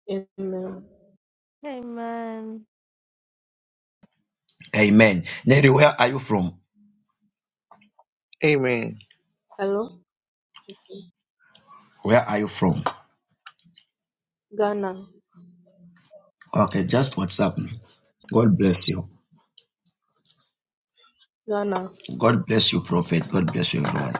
[SPEAKER 13] Amen.
[SPEAKER 2] Amen.
[SPEAKER 1] Amen. Neri, where are you from?
[SPEAKER 9] Amen.
[SPEAKER 13] Hello? Okay.
[SPEAKER 1] Where are you from?
[SPEAKER 13] Ghana.
[SPEAKER 1] Okay, just WhatsApp me. God bless you.
[SPEAKER 13] Ghana.
[SPEAKER 1] God bless you, Prophet. God bless you, everyone.